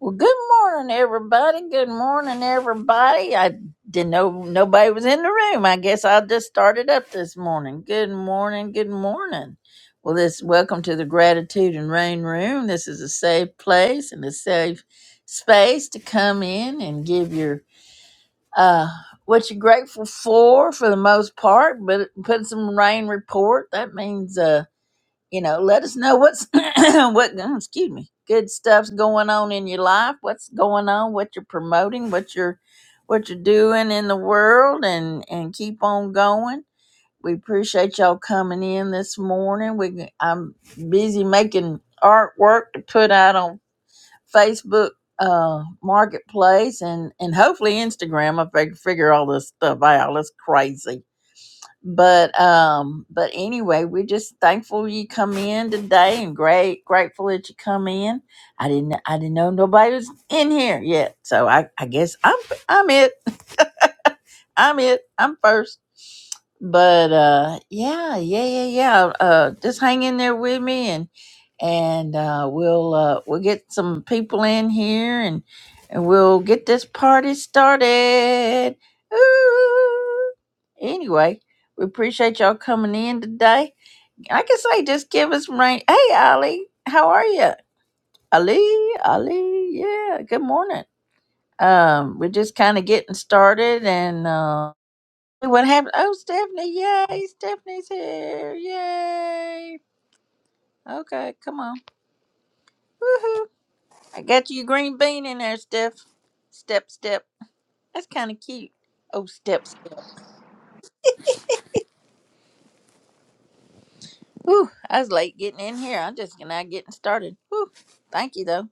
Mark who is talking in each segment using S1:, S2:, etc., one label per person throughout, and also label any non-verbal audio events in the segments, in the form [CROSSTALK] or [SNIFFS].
S1: Well, good morning, everybody. Good morning, everybody. I didn't know nobody was in the room. I guess I just started up this morning. Good morning. Good morning. Well, this welcome to the Gratitude and Rain Room. This is a safe place and a safe space to come in and give your uh what you're grateful for for the most part, but put some rain report. That means uh you know let us know what's [CLEARS THROAT] what oh, excuse me good stuff's going on in your life what's going on what you're promoting what you're what you're doing in the world and and keep on going we appreciate y'all coming in this morning we i'm busy making artwork to put out on facebook uh marketplace and and hopefully instagram if i can figure all this stuff out it's crazy but um but anyway we're just thankful you come in today and great grateful that you come in i didn't i didn't know nobody was in here yet so i i guess i'm i'm it i'm it i'm first but uh yeah yeah yeah yeah uh just hang in there with me and and uh we'll uh we'll get some people in here and and we'll get this party started Ooh. Anyway, we appreciate y'all coming in today. I can say just give us rain. Hey, Ali, how are you? Ali, Ali, yeah, good morning. Um, we're just kind of getting started and uh, what happened? Oh, Stephanie, yay, Stephanie's here, yay. Okay, come on. Woohoo. I got you a green bean in there, Steph. Step, step. That's kind of cute. Oh, step, step. Whew, I was late getting in here. I'm just not getting started. Whew, thank you, though.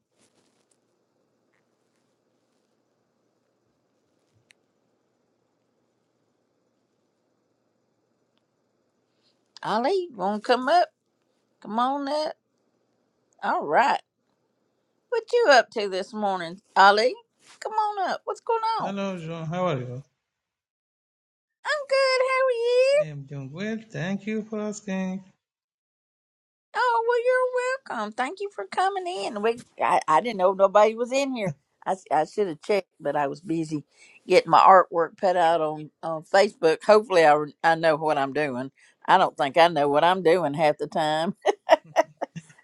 S1: Ali, want to come up? Come on up. All right. What you up to this morning, Ali? Come on up. What's going on?
S2: Hello, John. How are you?
S1: I'm good. How are you?
S2: I am doing well. Thank you for asking.
S1: Oh, well, you're welcome. Thank you for coming in. We, I, I didn't know nobody was in here. I, s- I should have checked, but I was busy getting my artwork put out on, on Facebook. Hopefully, I, re- I know what I'm doing. I don't think I know what I'm doing half the time. [LAUGHS]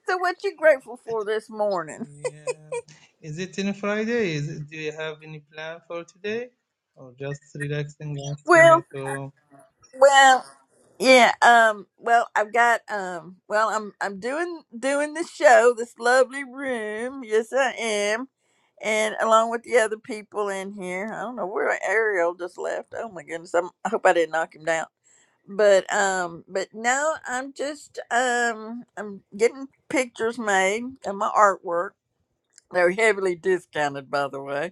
S1: So, what you grateful for this morning?
S2: Yeah. Is it in Friday? Is it, do you have any plan for today? Or just relaxing, resting
S1: Well,
S2: at home?
S1: Well, yeah. Um. Well, I've got. Um. Well, I'm. I'm doing doing the show, this lovely room. Yes, I am, and along with the other people in here. I don't know where Ariel just left. Oh my goodness. I'm, I hope I didn't knock him down. But um. But now I'm just um. I'm getting pictures made and my artwork. They're heavily discounted, by the way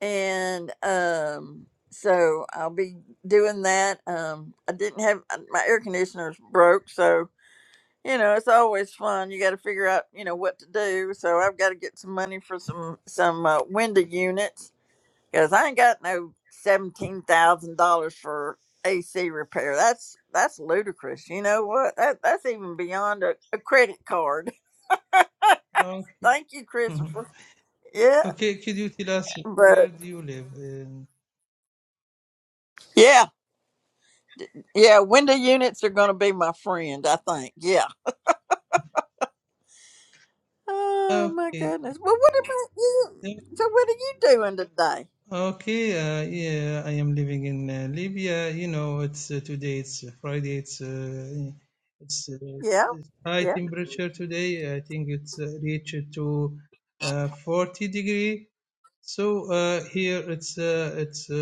S1: and um so i'll be doing that um i didn't have uh, my air conditioner's broke so you know it's always fun you got to figure out you know what to do so i've got to get some money for some some uh, window units because i ain't got no $17000 for ac repair that's that's ludicrous you know what that, that's even beyond a, a credit card [LAUGHS]
S2: Okay.
S1: thank you
S2: Mhm.
S1: christopher yeah
S2: Okay, could you tell us
S1: but
S2: where do you live? In?
S1: yeah Yeah, window units are going to be my friend, I think. Yeah. Oh, my
S2: Okay.
S1: goodness. Well, what about you? So, what are you doing today?
S2: Okay, uh, yeah, I am living in uh, Libya. You know, it's uh, today. It's uh, Friday. It's uh, it's uh,
S1: Yeah.
S2: it's high
S1: Yeah.
S2: temperature today. I think it's uh, reached to uh, 40 degree. So uh, here it's uh, it's uh,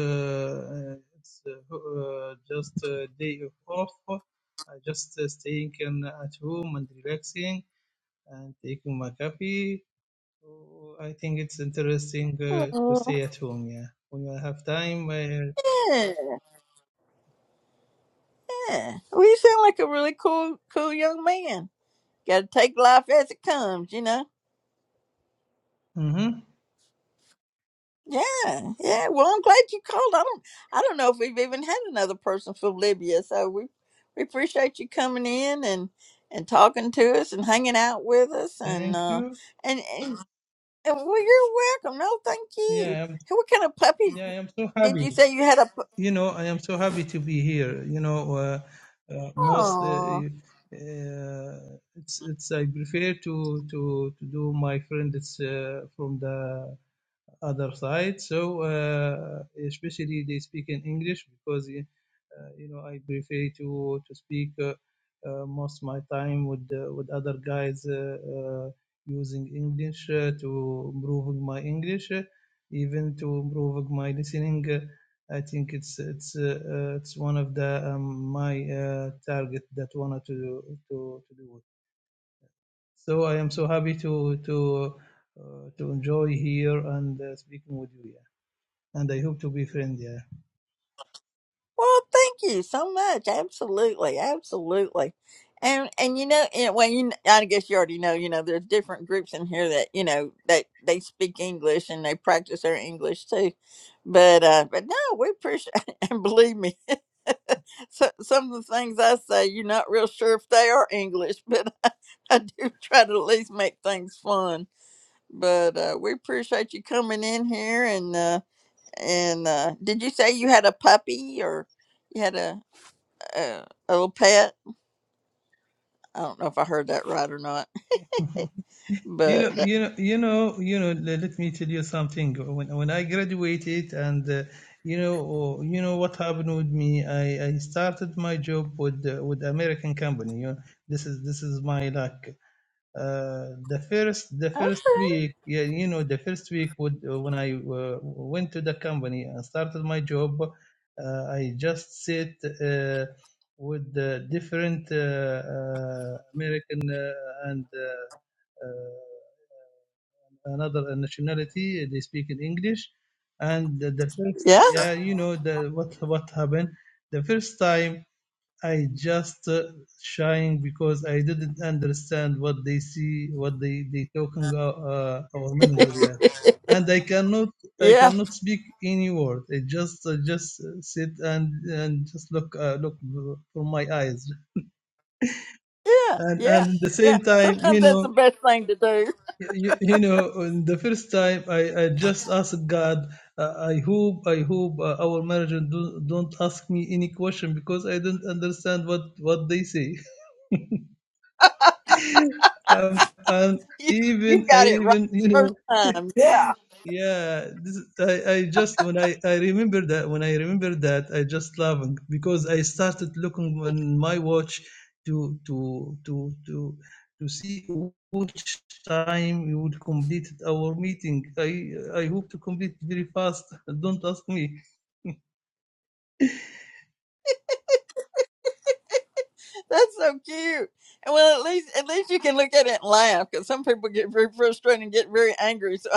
S2: uh, it's uh, uh, just a day of off. I just uh, staying in, at home and relaxing and taking my coffee so I think it's interesting uh, to
S1: Oh,
S2: stay at home. Yeah, when you have time. Uh,
S1: Yeah. yeah. Well, you sound like a really cool, cool young man. Got to take life as it comes, you know.
S2: mm-hmm.
S1: Yeah, yeah. Well, I'm glad you called. I don't, I don't know if we've even had another person from Libya, so we, we appreciate you coming in and and talking to us and hanging out with us and
S2: Thank
S1: uh
S2: you.
S1: and, and Uh, Well, you're welcome. No, thank you.
S2: Yeah, I'm,
S1: Hey, What kind of puppy
S2: yeah, I am so
S1: did
S2: happy.
S1: you say you had a? pu-
S2: You know, I am so happy to be here. You know, uh, uh, most uh,
S1: Oh,
S2: uh, it's it's I prefer to to to do my friends uh, from the other side. So uh, especially they speak in English because uh, you know I prefer to to speak uh, uh, most of my time with uh, with other guys uh, uh, using English uh, to improving my English, uh, even to improving my listening. Uh, I think it's it's uh, uh, it's one of the um, my uh, target that wanted to to to do it. So I am so happy to to uh, to enjoy here and uh, speaking with you. yeah and I hope to be friends. Yeah.
S1: well, thank you so much. Absolutely, absolutely. And and you know, and, well, you kn- I guess you already know. You know, there's different groups in here that you know that they speak English and they practice their English too. But uh, but no, we appreciate [LAUGHS] and believe me, so, some of the things I say, you're not real sure if they are English, but [LAUGHS] I do try to at least make things fun but uh, we appreciate you coming in here and uh, and uh, did you say you had a puppy or you had a, a a little pet? I don't know if I heard that right or not,
S2: [LAUGHS] You know,
S1: but
S2: you know, you know, you know. le- Let me tell you something. When when I graduated, and uh, you know, oh, you know what happened with me. I, I started my job with uh, with American company. You know, this is this is my luck. Uh, the first the
S1: uh,
S2: first week yeah, you know the first week would, when i uh, went to the company and started my job uh, i just sit uh, with the different uh, uh, american uh, and uh, uh, another nationality they speak in english and the, the first
S1: yeah,
S2: yeah you know the what what happened the first time I just uh, shying because I didn't understand what they see, what they they talking uh, uh, our manager
S1: [LAUGHS]
S2: yeah. and I cannot I
S1: yeah,
S2: cannot speak any word. I just I just uh, sit and and just look uh, look from my eyes,
S1: yeah,
S2: and and
S1: yeah,
S2: at the
S1: yeah.
S2: same time,
S1: Sometimes
S2: you
S1: that's the
S2: know,
S1: best thing to do. [LAUGHS]
S2: you, you know, in the first time I, I just asked God. Uh, I hope I hope uh, our manager do, don't ask me any question because I don't understand what what they say. Um, and
S1: You you
S2: even, I
S1: got it right
S2: even, you
S1: the first
S2: know, [LAUGHS]
S1: time. Yeah,
S2: yeah, this, I, I just, when I, I remember that, when I remember that, I just laughing because I started looking on my watch to, to, to, to, to see which time we would complete our meeting. I, I hope to complete very fast. [LAUGHS] Don't ask me.
S1: that's so cute. And well, at least at least you can look at it and laugh because some people get very frustrated and get very angry. so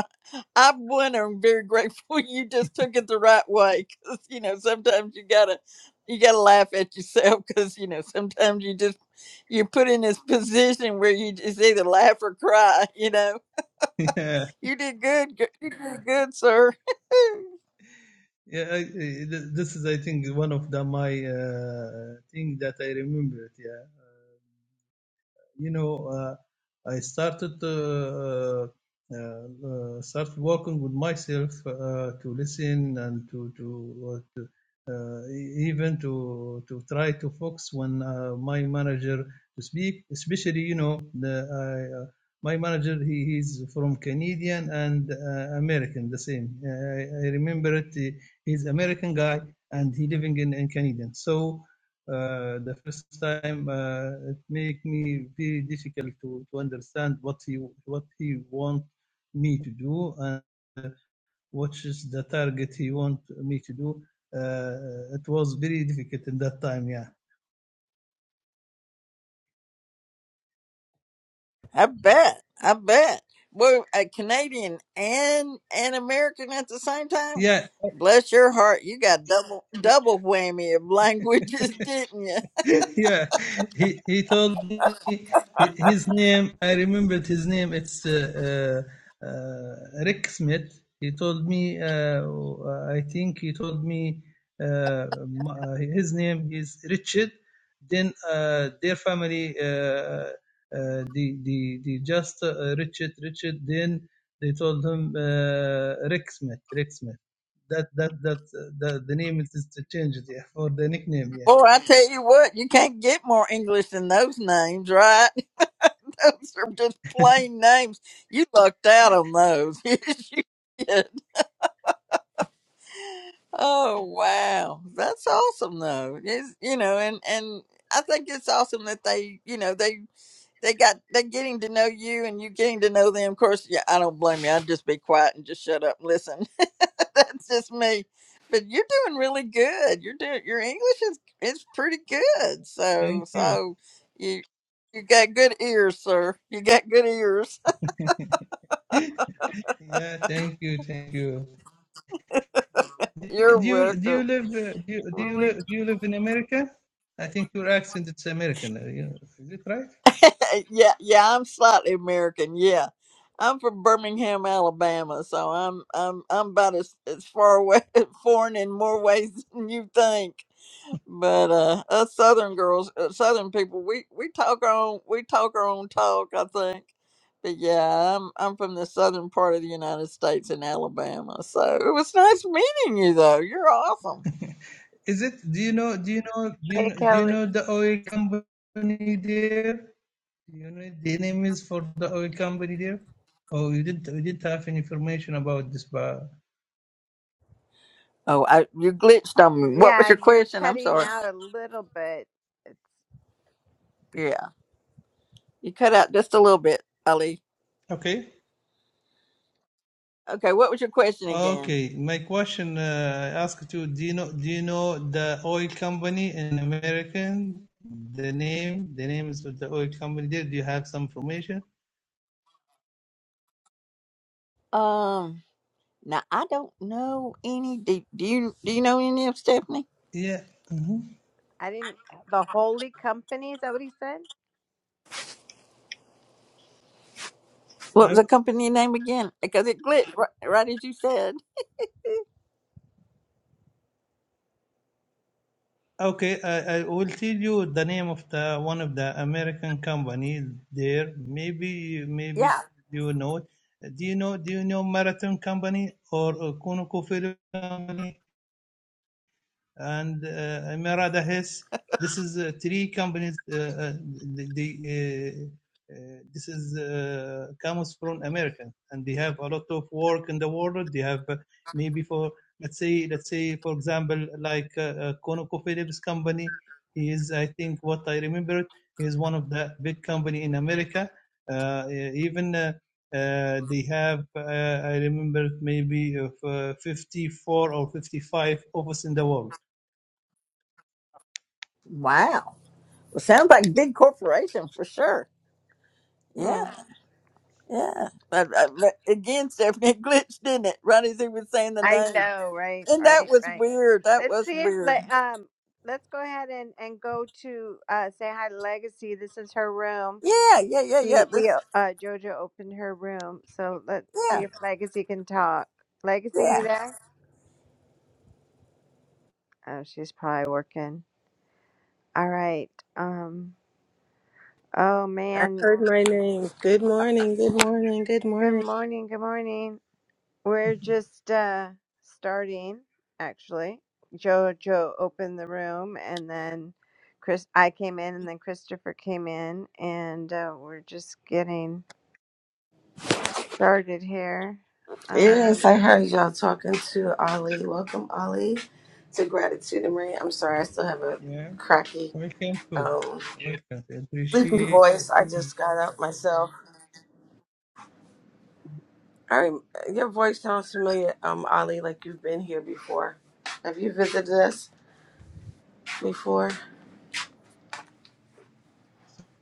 S1: I'm one. I'm very grateful [LAUGHS] you just took it the right way because you know sometimes you gotta you gotta laugh at yourself because you know sometimes you just you're put in this position where you just either laugh or cry. You know
S2: [LAUGHS] yeah,
S1: you did good. gir- You did good, sir.
S2: yeah, I, I- th- this is, I think, one of the, my, uh, thing that I remembered. Yeah. you know, uh, I started uh, uh, uh, start working with myself uh, to listen and to to, uh, to uh, e- even to to try to focus when uh, my manager to speak, especially you know the. I, uh, my manager, he he is from Canadian and uh, American, the same. Uh, I, I remember it. He, he's American guy and he living in, in Canadian. So uh, the first time uh, it make me very difficult to, to understand what he what he want me to do and what is the target he want me to do. Uh, it was very difficult in that time. Yeah,
S1: [LAUGHS] I bet. I bet. Well, a Canadian and an American at the same time.
S2: yeah.
S1: Bless your heart, you got double double whammy of languages, [LAUGHS] didn't you?
S2: [LAUGHS] yeah, he he told me hi- his name. I remembered his name. It's uh, uh, uh, Rick Smith. He told me. Uh, uh, I think he told me uh, m- uh, his name is Richard. Then uh, their family, uh, uh, the the the just uh, Richard Richard. Then they told him uh, Rick Smith. Rick Smith. That that that uh, the, the name is is changed yeah, for the nickname. Yeah.
S1: Boy, I tell you what, you can't get more English than those names, right? [LAUGHS] Those are just plain names. You lucked out on those. [LAUGHS] Yes, you did. Oh wow, that's awesome though. It's, you know, and and I think it's awesome that they, you know, they they got they're getting to know you and you getting to know them. Of course, yeah, I don't blame you. I'd just be quiet and just shut up and listen. [LAUGHS] That's just me. But you're doing really good. You're doing your English is is pretty good. So
S2: Thank you.
S1: so you you got good ears, sir. You got good ears.
S2: Yeah, thank you, thank you.
S1: [LAUGHS]
S2: Do
S1: You're
S2: you do
S1: welcome.
S2: you live uh, do you, do
S1: We,
S2: you
S1: we,
S2: live do you live in America? I think your accent it's American. uh, you- Is it right?
S1: [LAUGHS] yeah, yeah, I'm slightly American. Yeah. I'm from Birmingham, Alabama, so I'm I'm I'm about as, as far away [LAUGHS] foreign in more ways than you think. But uh, us Southern girls, uh, Southern people, we we talk our own we talk our own talk. I think, but yeah, I'm I'm from the southern part of the United States in Alabama. So it was nice meeting you, though. You're awesome.
S2: Is it? Do you know? Do you know? Do you
S3: Hey,
S2: know, do you
S3: Kelly.
S2: know the oil company there? Do you know the name is for the oil company there? Oh, you didn't you didn't have any information about this bar.
S1: Oh, I you glitched on me. What was
S3: Yeah,
S1: your
S3: you're
S1: question? I'm
S3: cutting
S1: sorry.
S3: out a little bit. It's,
S1: Yeah, you cut out just a little bit, Ali.
S2: Okay.
S1: Okay, what was your question again?
S2: Okay, my question uh, I asked you, do you know do you know the oil company in American? The name, the names of the oil company there. Do you have some information?
S1: Um, now I don't know any. Do, do you do you know any of Stephanie?
S2: Yeah. hmm
S3: I didn't. The Holy Company is that what he said?
S1: What was
S2: I,
S1: the company name again? Because it glitched right, right as you said.
S2: okay, I, I will tell you the name of the one of the American company there. Maybe you- maybe
S1: Yeah.
S2: you know. it. Do you know do you know Marathon Company or uh, Conoco Company? and uh, Merada Hess. This is uh, three companies. Uh, uh, the, the, uh, uh, this is uh, comes from America, and they have a lot of work in the world. They have uh, maybe for let's say let's say for example like uh, uh, ConocoPhillips company. He is, I think, what I remember, he is one of the big company in America. Uh, e- even uh, uh, they have, uh, I remember, maybe of uh, 54 or 55 offices in the world
S1: Wow. Well, sounds like a big corporation for sure. Yeah.
S3: Hmm.
S1: Yeah. But, uh, but again, Stephanie, [LAUGHS] it glitched, didn't it? Right as he was saying the
S3: I
S1: name.
S3: know, right,
S1: And that
S3: right,
S1: was
S3: right.
S1: weird. That
S3: Let's
S1: was
S3: see if
S1: weird.
S3: let um. Let's go ahead and and go to uh say hi to Legacy. This is her room.
S1: Yeah. Yeah. Yeah.
S3: We
S1: Yeah.
S3: we
S1: This,
S3: uh Jojo opened her room, so let's see
S1: yeah.
S3: if Legacy can talk. Legacy, you
S1: Yeah.
S3: there? Oh, she's probably working. All right. Um. Oh
S4: I
S3: man.
S4: heard my name. Good morning, good morning, good
S3: Good
S4: morning.
S3: morning. Good morning. We're just uh, starting, actually. Jojo opened the room, and then Chris. I came in, and then Christopher came in, and uh, we're just getting started here. Um,
S4: Yes, I heard y'all talking to Ali. Welcome, Ali, to Gratitude and Rain. I'm sorry, I still have a
S2: Yeah,
S4: cracky,
S2: welcome too.
S4: um,
S2: Welcome.
S4: sleepy
S2: Appreciate
S4: voice. I just got up myself. I rem- your voice sounds familiar, um, Ali, like you've been here before. Have you visited us before?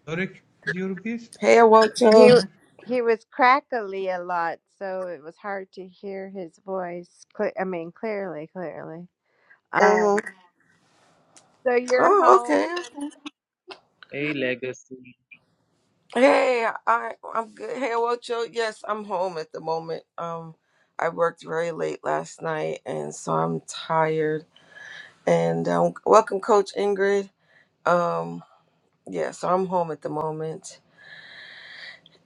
S2: Tarek, your best.
S4: Hey,
S3: he
S4: Awoto.
S3: he was crackly a lot, so it was hard to hear his voice. Cle- I mean, clearly, clearly. Um,
S4: Mm-hmm.
S3: so you're
S4: Oh,
S3: home.
S4: okay. Hey, I I'm good. Hey, Ocho. Yes, I'm home at the moment. Um, I worked very late last night, and so I'm tired. And um, welcome, Coach Ingrid. Um, yeah, so I'm home at the moment,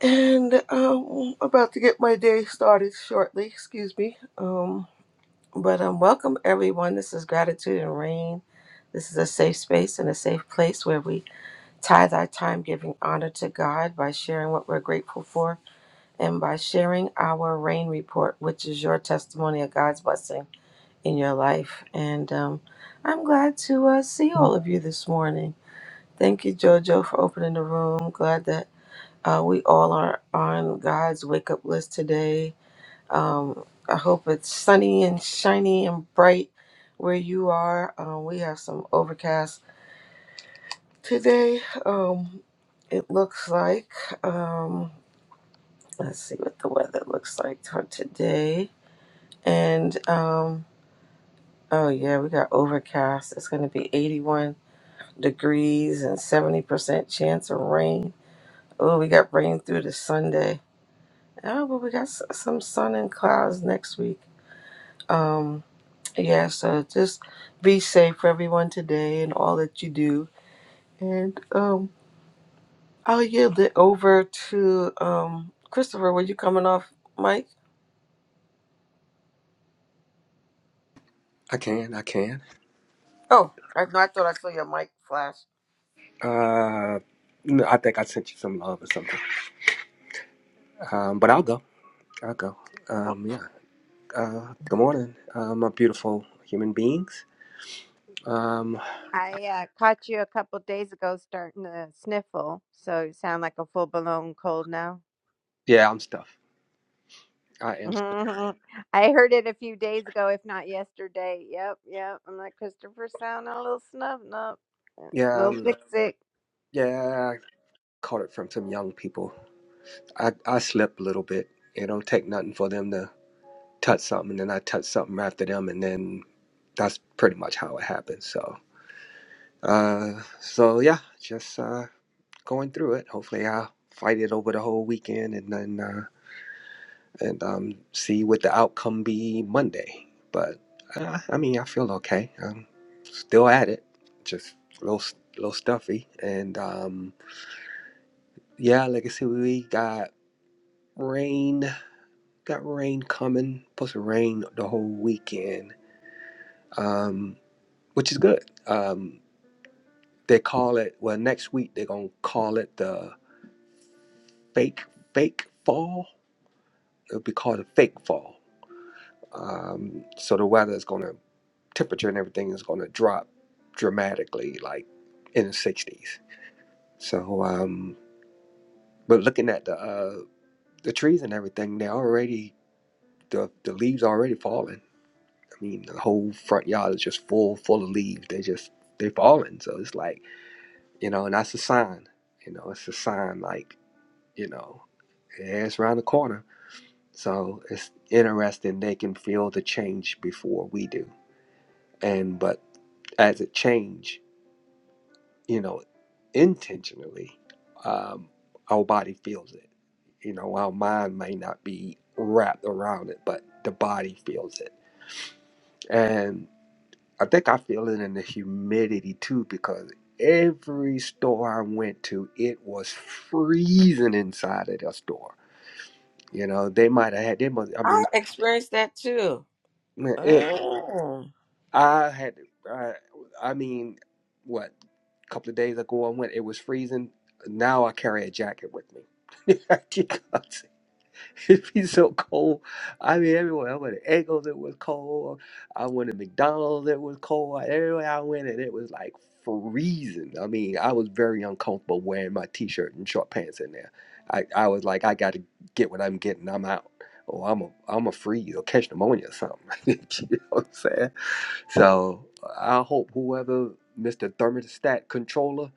S4: and um, about to get my day started shortly. Excuse me. Um, but um, welcome everyone. This is Gratitude and Rain. This is a safe space and a safe place where we tithe our time giving honor to God by sharing what we're grateful for and by sharing our rain report, which is your testimony of God's blessing in your life. And um, I'm glad to uh, see all of you this morning. Thank you, JoJo, for opening the room. Glad that uh, we all are on God's wake up list today. Um, I hope it's sunny and shiny and bright where you are. Um, we have some overcast today. Um, it looks like, um, let's see what the weather looks like for today. And um oh yeah, we got overcast. It's going to be 81 degrees and 70% chance of rain. Oh, we got rain through to Sunday. Oh, but we got s- some sun and clouds next week. Um yeah, so just be safe for everyone today and all that you do. And um I'll yield it over to um Christopher, were you coming off mic?
S5: I can, I can.
S4: Oh, I, no, I thought I saw your mic flash.
S5: Uh, no, I think I sent you some love or something. Um, but I'll go. I'll go. Um, yeah. Uh, good morning, uh, my beautiful human beings. Um,
S3: I uh, caught you a couple days ago starting to sniffle, so you sound like a full blown cold now.
S5: yeah, I'm stuff. I am. Stuff.
S3: Mhm. I heard it a few days ago, if not yesterday. Yep, yep. I'm like Christopher sound a little snub nub, a
S5: Yeah,
S3: little
S5: I'm. Look.
S3: sick sick.
S5: Yeah, I caught it from some young people. I I slip a little bit. It don't take nothing for them to touch something, and then I touch something after them, and then that's pretty much how it happens. So, uh, so yeah, just uh. going through it. Hopefully, I'll fight it over the whole weekend and then uh, and um, see what the outcome be Monday. But uh, I mean, I feel okay. I'm still at it, just a little little stuffy. And um, yeah, like I said, we got rain. Got rain coming. Supposed to rain the whole weekend, um, which is good. Um, they call it well. Next week they're gonna call it the fake fake fall. It'll be called a fake fall um, so the weather is going to temperature and everything is going to drop dramatically like in the 60s so um, but looking at the uh, the trees and everything they're already the, the leaves already falling i mean the whole front yard is just full full of leaves they just they falling so it's like you know and that's a sign you know it's a sign like you know yeah, it's around the corner so it's interesting they can feel the change before we do and but as it change you know, intentionally, um, our body feels it. You know, our mind may not be wrapped around it, but the body feels it. And I think I feel it in the humidity too, because every store I went to, it was freezing inside of the store. You know, they might have had, they must, I
S4: I
S5: mean,
S4: experienced that too. Oh.
S5: I had, I, I mean, what, a couple of days ago I went, it was freezing. Now I carry a jacket with me. [LAUGHS] because it'd be so cold. I mean, everywhere I went, at Eggos, it was cold. I went to McDonald's, it was cold. Everywhere I went, and it was like freezing. I mean, I was very uncomfortable wearing my t shirt and short pants in there. I, I was like, I got to get what I'm getting. I'm out. Or I'm a I'm a freeze or catch pneumonia or something. [LAUGHS] you know what I'm saying? So I hope whoever Mr. Thermostat controller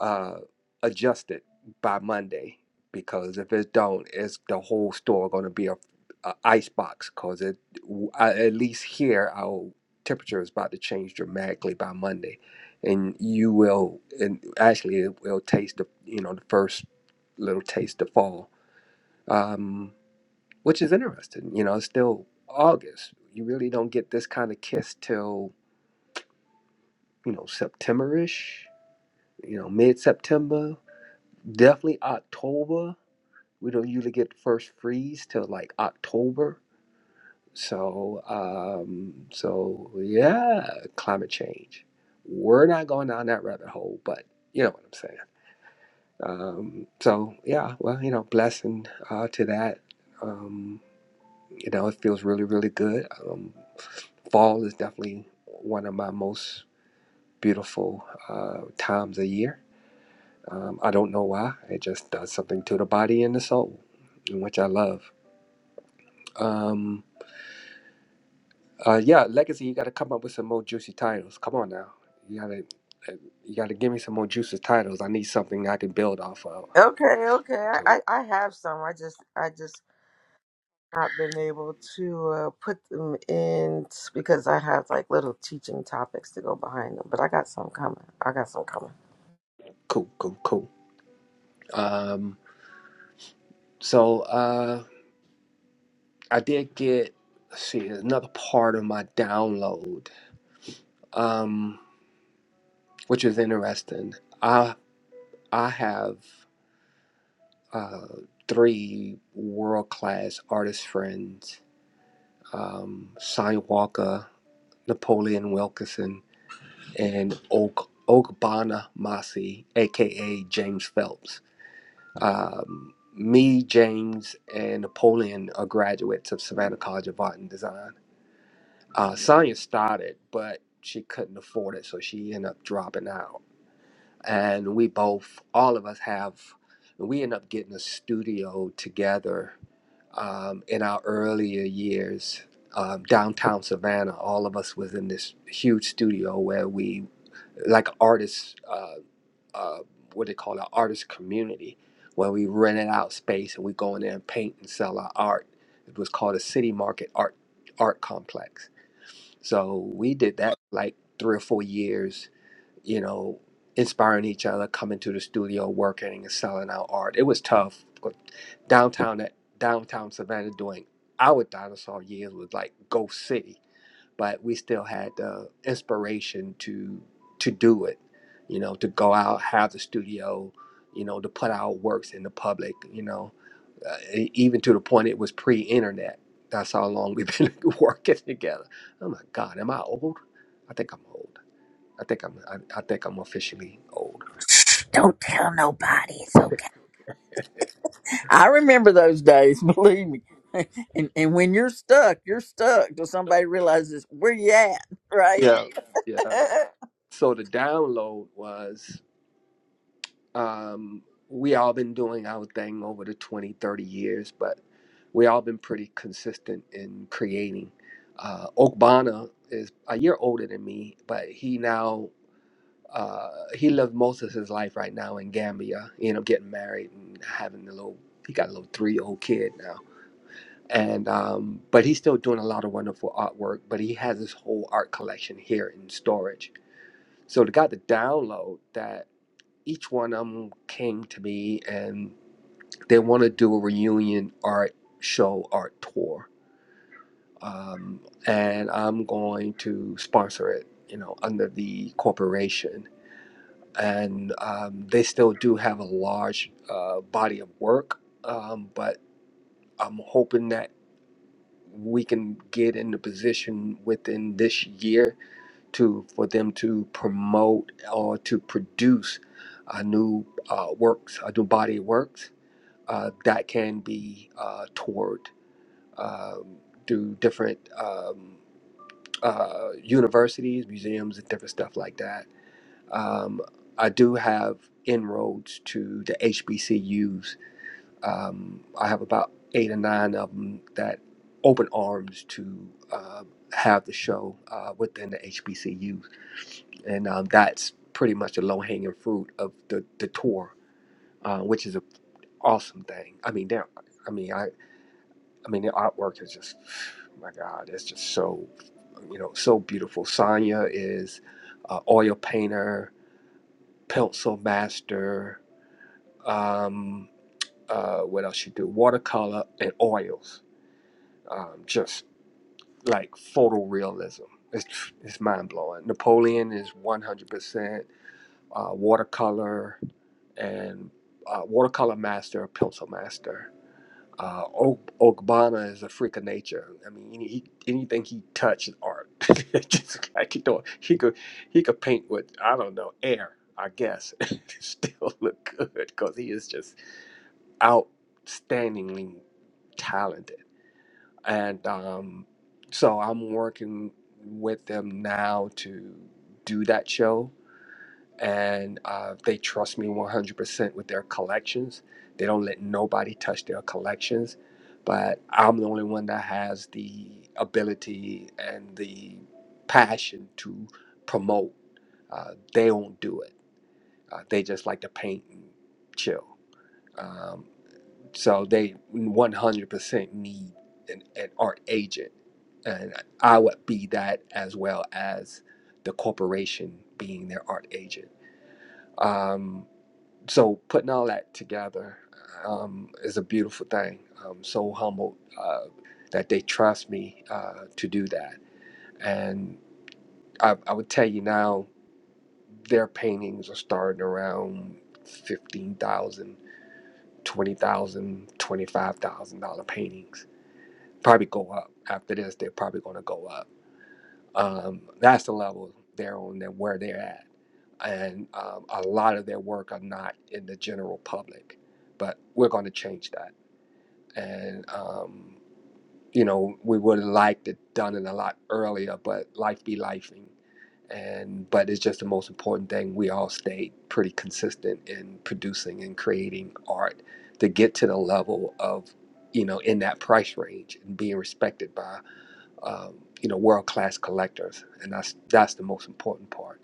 S5: uh, adjust it by Monday because if it don't, it's the whole store going to be a, a ice box because it I, at least here our temperature is about to change dramatically by Monday, and you will and actually it will taste the you know the first little taste of fall, um, which is interesting. You know, it's still August. You really don't get this kind of kiss till you know, September-ish, you know, mid-September, definitely October. We don't usually get the first freeze till like October. So, um, so yeah, climate change. We're not going down that rabbit hole, but you know what I'm saying. Um, so yeah, well, you know, blessing uh, to that. Um, you know, it feels really, really good. Um, fall is definitely one of my most beautiful uh, times of year Um, I don't know why. It just does something to the body and the soul, which I love. Um, uh, yeah, legacy. You got to come up with some more juicy titles. Come on now. You gotta, uh, you gotta give me some more juicy titles. I need something I can build off of.
S4: Okay, okay. I,
S5: So
S4: I have some. I just I just not been able to uh, put them in s- because I have like little teaching topics to go behind them. But I got some coming. I got some coming.
S5: cool, cool, cool. Um, so uh, I did get. Let's see another part of my download, um, which is interesting. I I have uh, three world class artist friends um, Sean Walker, Napoleon Wilkerson, and Og- Ogbana Masi, aka James Phelps. Um, me, James, and Napoleon are graduates of Savannah College of Art and Design. Uh, Sonia started, but she couldn't afford it, so she ended up dropping out. And we both, all of us have, we ended up getting a studio together um, in our earlier years, um, downtown Savannah, all of us was in this huge studio where we, like artists, uh, uh, what they call an artist community, where we rented out space and we go in there and paint and sell our art. It was called a City Market Art Art Complex. So we did that like three or four years you know, inspiring each other, coming to the studio, working and selling our art. It was tough. Downtown downtown Savannah during our dinosaur years was like Ghost City, but we still had the inspiration to to do it, you know, to go out, have the studio, you know, to put our works in the public, you know, uh, e- even to the point it was pre-internet. That's how long we've been [LAUGHS] working together. Oh my God, am I old? I think I'm old I think I'm I, I think I'm officially old.
S1: Shh, don't tell nobody. It's okay. I remember those days, [LAUGHS] believe me. And and when you're stuck, you're stuck till somebody realizes where you at, right?
S5: Yeah. Yeah.
S1: [LAUGHS]
S5: So the download was um, we all been doing our thing over the 20, 30 years, but we all been pretty consistent in creating. Uh, Okbana is a year older than me, but he now uh, he lived most of his life right now in Gambia. You know, getting married and having a little. He got a little three-year-old kid now and um, but he's still doing a lot of wonderful artwork. But he has his whole art collection here in storage. So the got the download that each one of them came to me and they want to do a reunion art show art tour, um, and I'm going to sponsor it. You know, under the corporation, and um, they still do have a large uh, body of work, um, but. I'm hoping that we can get in the position within this year to for them to promote or to produce a new uh, works, a new body of works uh, that can be uh, toured um, through different um, uh, universities, museums, and different stuff like that. Um, I do have inroads to the HBCUs um, I have about eight or nine of them that open arms to uh, have the show uh, within the HBCU, and um, that's pretty much the low hanging fruit of the the tour, uh, which is an awesome thing. I mean, they're, I mean, I, I mean, their artwork is just, my God, it's just so, you know, so beautiful. Sonya is uh, oil painter, pencil master. Um, uh, what else she do? Watercolor and oils um, just like photorealism. It's it's mind blowing. Napoleon is one hundred percent uh, watercolor and uh, watercolor master, pencil master. Uh, o- Ogbonna is a freak of nature. I mean, any, he, anything he touched is art. [LAUGHS] Just like you know, he could he could paint with I don't know air, I guess, [LAUGHS] and still look good because he is just outstandingly talented and um, so I'm working with them now to do that show, and uh, they trust me 100% with their collections. They don't let nobody touch their collections, but I'm the only one that has the ability and the passion to promote. Uh, they won't do it. Uh, they just like to paint and chill. Um, so they 100% need an, an art agent. And I would be that as well as the corporation being their art agent. Um, so putting all that together um, is a beautiful thing. I'm so humbled uh, that they trust me uh, to do that. And I, I would tell you now, their paintings are starting around 15000 20000 $25,000 paintings probably go up after this. They're probably going to go up. Um, that's the level they're on and where they're at. And um, a lot of their work are not in the general public, but we're going to change that. And um, you know, we would have liked it done it a lot earlier, but life be lifing. And but it's just the most important thing. We all stayed pretty consistent in producing and creating art to get to the level of you know in that price range and being respected by um, you know world class collectors, and that's that's the most important part.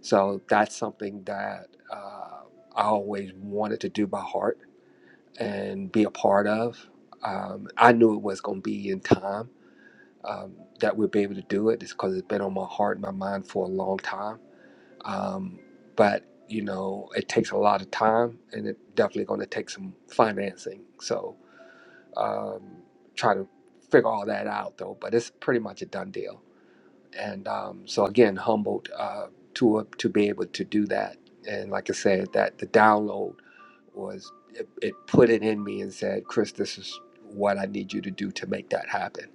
S5: So that's something that uh, I always wanted to do by heart and be a part of. Um, I knew it was going to be in time um, that we'd be able to do it, just because it's been on my heart and my mind for a long time. Um, but you know, it takes a lot of time, and it's definitely going to take some financing. So um, try to figure all that out though. But it's pretty much a done deal and um, so again humbled uh, to uh, to be able to do that and like i said that the download was it, it put it in me and said chris this is what i need you to do to make that happen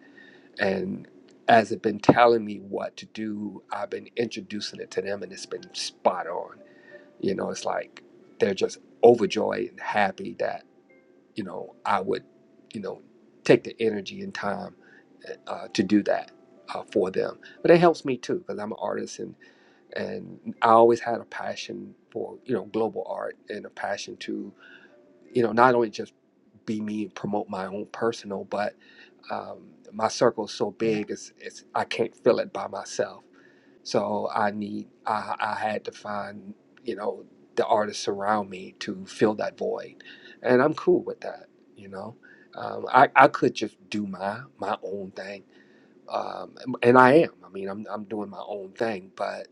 S5: and as it been telling me what to do i've been introducing it to them and it's been spot on you know it's like they're just overjoyed and happy that you know, I would, you know, take the energy and time uh, to do that uh, for them. But it helps me too because I'm an artist and and I always had a passion for you know global art and a passion to you know not only just be me and promote my own personal, but um, my circle is so big it's it's I can't fill it by myself. So I need I I had to find, you know, the artists around me to fill that void. And I'm cool with that, you know. Um, I, I could just do my my own thing. Um, and I am. I mean I'm I'm doing my own thing, but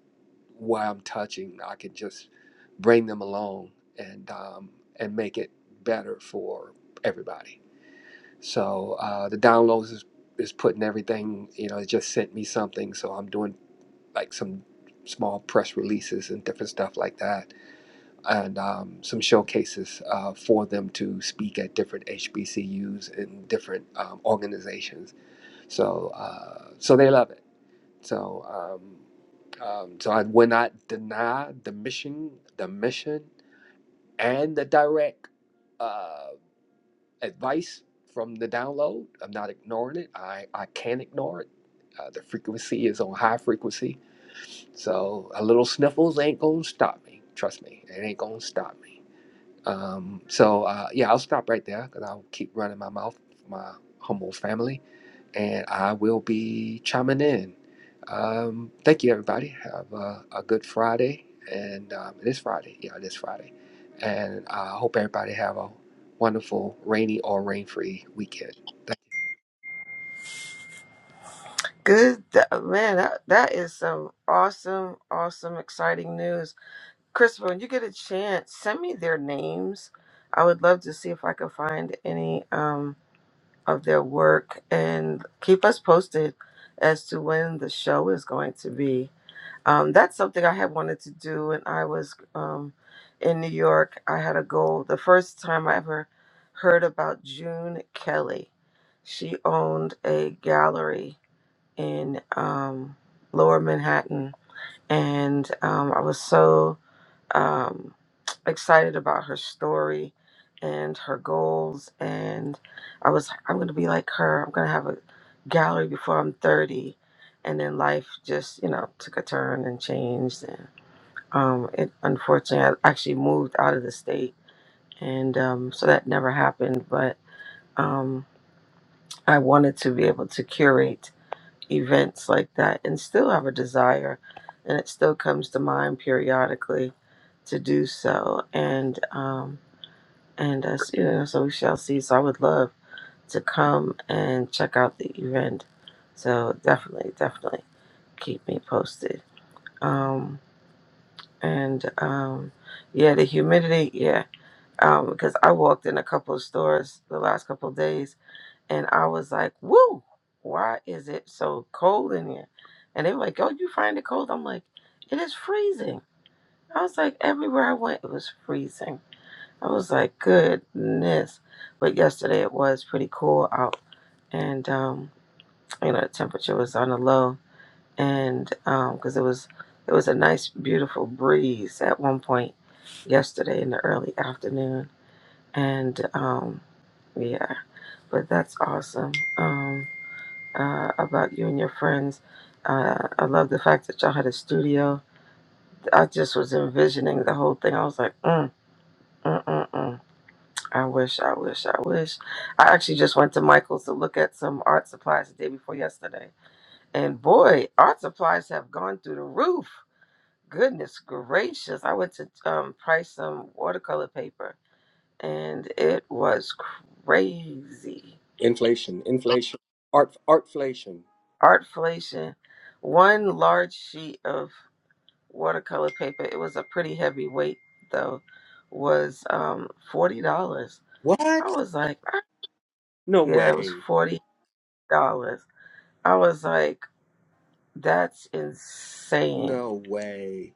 S5: where I'm touching, I could just bring them along and um, and make it better for everybody. So uh, the downloads is, is putting everything, you know, it just sent me something. So I'm doing like some small press releases and different stuff like that, and um, some showcases uh, for them to speak at different HBCUs and different um, organizations. So, uh, so they love it. So, um, um, so I would not deny the mission, the mission, and the direct uh, advice from the download. I'm not ignoring it. I I can't ignore it. Uh, the frequency is on high frequency so a little sniffles ain't gonna stop me. Trust me, it ain't gonna stop me. Um, so uh, yeah, I'll stop right there because I'll keep running my mouth for my humble family, and I will be chiming in. Um, thank you, everybody. Have a, a good Friday, and um, it is Friday. Yeah, it is Friday, and I hope everybody have a wonderful rainy or rain-free weekend. Thank
S4: Good th- man. That that is some awesome, awesome, exciting news. Christopher, when you get a chance, send me their names. I would love to see if I could find any um of their work and keep us posted as to when the show is going to be. um, that's something I had wanted to do when I was um, in New York. I had a goal. The first time I ever heard about June Kelly, she owned a gallery in um, Lower Manhattan, and um, I was so um, excited about her story and her goals. And I was, I'm going to be like her. I'm going to have a gallery before I'm 30. And then life just, you know, took a turn and changed. And um, it unfortunately, I actually moved out of the state. And um, so that never happened. But um, I wanted to be able to curate events like that and still have a desire and it still comes to mind periodically to do so and um and as you know so we shall see so i would love to come and check out the event so definitely definitely keep me posted um and um yeah the humidity yeah um because i walked in a couple of stores the last couple of days and I was like, woo, why is it so cold in here? And they were like, oh, you find it cold? I'm like, it is freezing. I was like, everywhere I went, it was freezing. I was like, goodness. But yesterday it was pretty cool out. And, um, you know, the temperature was on the low. And because it was, it was a nice, beautiful breeze at one point yesterday in the early afternoon. And um, yeah, but that's awesome. Um, uh, about you and your friends. Uh, I love the fact that y'all had a studio. I just was envisioning the whole thing. I was like, mm, mm, mm, mm. I wish, I wish, I wish. I actually just went to Michael's to look at some art supplies the day before yesterday. And boy, art supplies have gone through the roof. Goodness gracious. I went to um, price some watercolor paper and it was crazy.
S5: Inflation, inflation, art, artflation.
S4: Artflation. One large sheet of watercolor paper. It was a pretty heavy weight though. Was um forty dollars. I
S5: What?
S4: was like, "Ah."
S5: No
S4: yeah, it was
S5: way.
S4: forty dollars. I was like, that's insane.
S5: No way.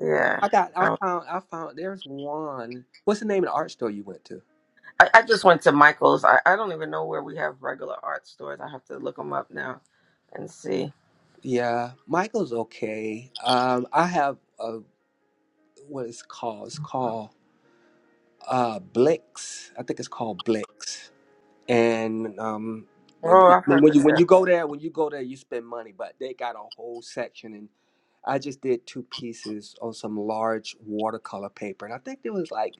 S4: Yeah.
S5: I got. I
S4: I,
S5: found. I found. There's one. What's the name of the art store you went to?
S4: I I just went to Michael's. I, I don't even know where we have regular art stores. I have to look them up now and see.
S5: Yeah, Michael's okay. Um, I have a what is called. It's called uh Blix. I think it's called Blix. And um,
S4: Oh, I've heard
S5: when
S4: of
S5: you when
S4: that.
S5: you go there, when you go there, you spend money. But they got a whole section, and I just did two pieces on some large watercolor paper, and I think it was like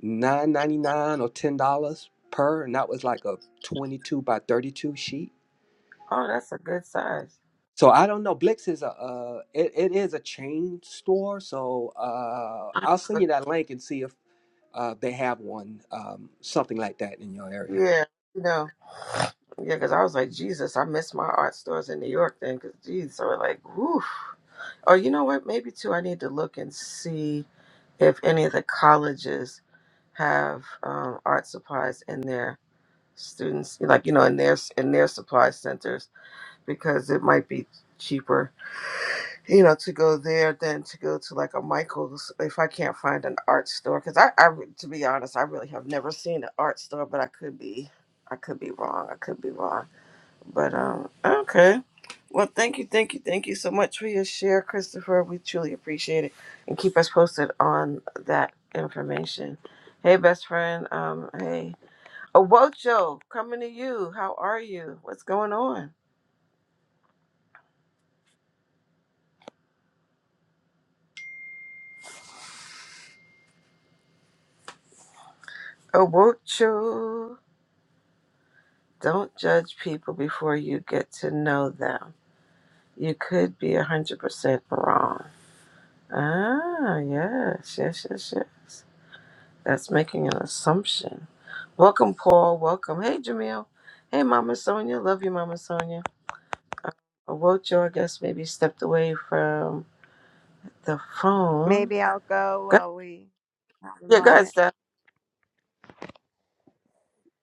S5: nine ninety nine or ten dollars per, and that was like a twenty two by thirty two sheet
S4: Oh, that's a good size.
S5: So I don't know. Blix is a uh, it, it is a chain store. So uh,
S4: I
S5: I'll send you that link and see if uh, they have one um, something like that in your area.
S4: Yeah, you know, yeah, because I was like, Jesus, I miss my art stores in New York then, because, geez, so like, whew. Or you know what? Maybe too. I need to look and see if any of the colleges have um, art supplies in their students, like you know, in their in their supply centers, because it might be cheaper, you know, to go there than to go to like a Michael's if I can't find an art store. Because I, I, re- to be honest, I really have never seen an art store, but I could be, I could be wrong. I could be wrong. But um, okay. Well, thank you, thank you, thank you so much for your share, Christopher. We truly appreciate it, and keep us posted on that information. Hey, best friend. Um, hey, Owocho, coming to you. How are you? What's going on? Owocho, don't judge people before you get to know them. You could be a hundred percent wrong. Ah, yes, yes, yes, yes. That's making an assumption. Welcome, Paul. Welcome. Hey, Jamil. Hey, Mama Sonia. Love you, Mama Sonia. I woke you, I guess, maybe stepped away from the phone.
S3: Maybe I'll go
S4: Go-
S3: while we have a
S4: Yeah, go ahead,
S3: moment.
S4: Steph.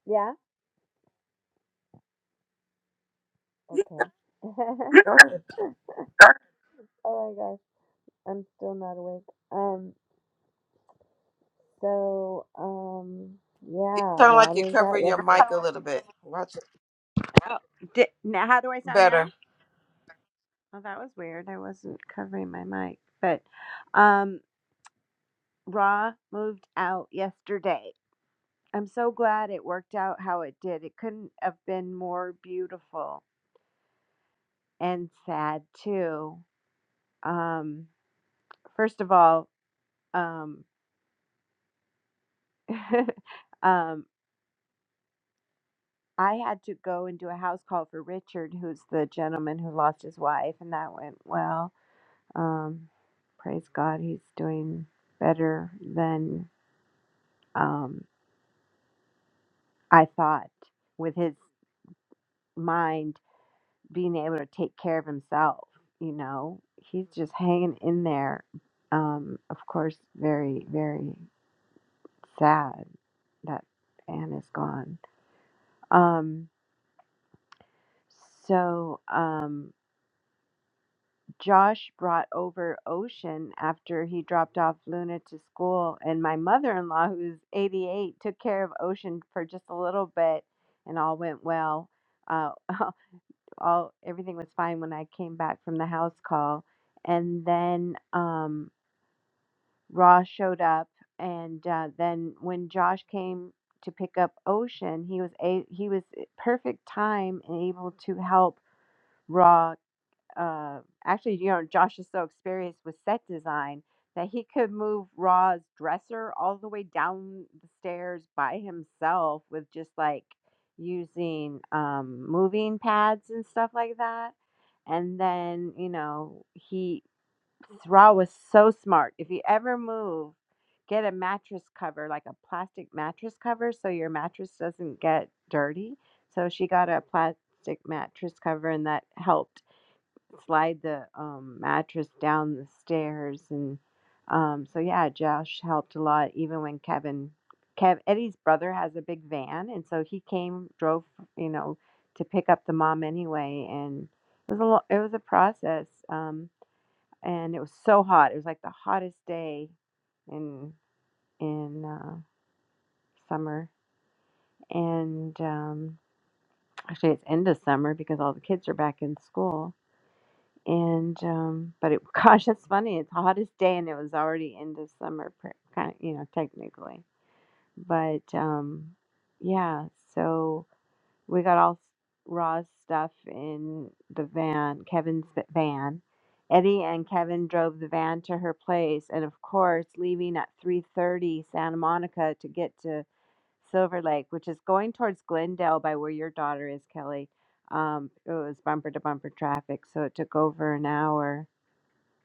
S3: Yeah.
S4: Yeah,
S3: Okay. [LAUGHS]
S4: go ahead.
S3: oh my gosh, I'm still not awake. Um. So, um.
S4: You
S3: Yeah,
S4: sound like
S3: Ron
S4: you're
S3: was out
S4: covering your mic
S3: yesterday.
S4: a little bit. Watch it
S3: Oh, di now, how do I sound now?
S4: better.
S3: Well, that was weird. I wasn't covering my mic, but um, Raw moved out yesterday. I'm so glad it worked out how it did. It couldn't have been more beautiful and sad too. Um, first of all, um, [LAUGHS] um, I had to go and do a house call for Richard, who's the gentleman who lost his wife, and that went well. Um, praise God, he's doing better than um, I thought with his mind being able to take care of himself. You know, he's just hanging in there. Um, of course, very, very sad that Anne is gone. Um, so um, Josh brought over Ocean after he dropped off Luna to school, and my mother in law, who's 88, took care of Ocean for just a little bit, and all went well. Uh, [LAUGHS] all everything was fine when I came back from the house call, and then um, Raw showed up, and uh, then when Josh came to pick up Ocean, he was a he was eh, perfect time and able to help Raw uh, actually, you know, Josh is so experienced with set design that he could move Ra's dresser all the way down the stairs by himself with just like using um, moving pads and stuff like that. And then, you know, he, Ra was so smart. If you ever move, get a mattress cover, like a plastic mattress cover, so your mattress doesn't get dirty. So she got a plastic mattress cover, and that helped slide the um, mattress down the stairs and um, so yeah josh helped a lot even when kevin kev eddie's brother has a big van and so he came drove you know to pick up the mom anyway and it was a lo- it was a process um, and it was so hot it was like the hottest day in in uh, summer and um, actually it's end of summer because all the kids are back in school and um but it [LAUGHS] gosh that's funny it's the hottest day and it was already into summer kind of you know technically but um yeah so we got all s- raw stuff in the van kevin's v- van eddie and kevin drove the van to her place and of course leaving at 3.30 santa monica to get to silver lake which is going towards glendale by where your daughter is kelly um, it was bumper to bumper traffic so it took over an hour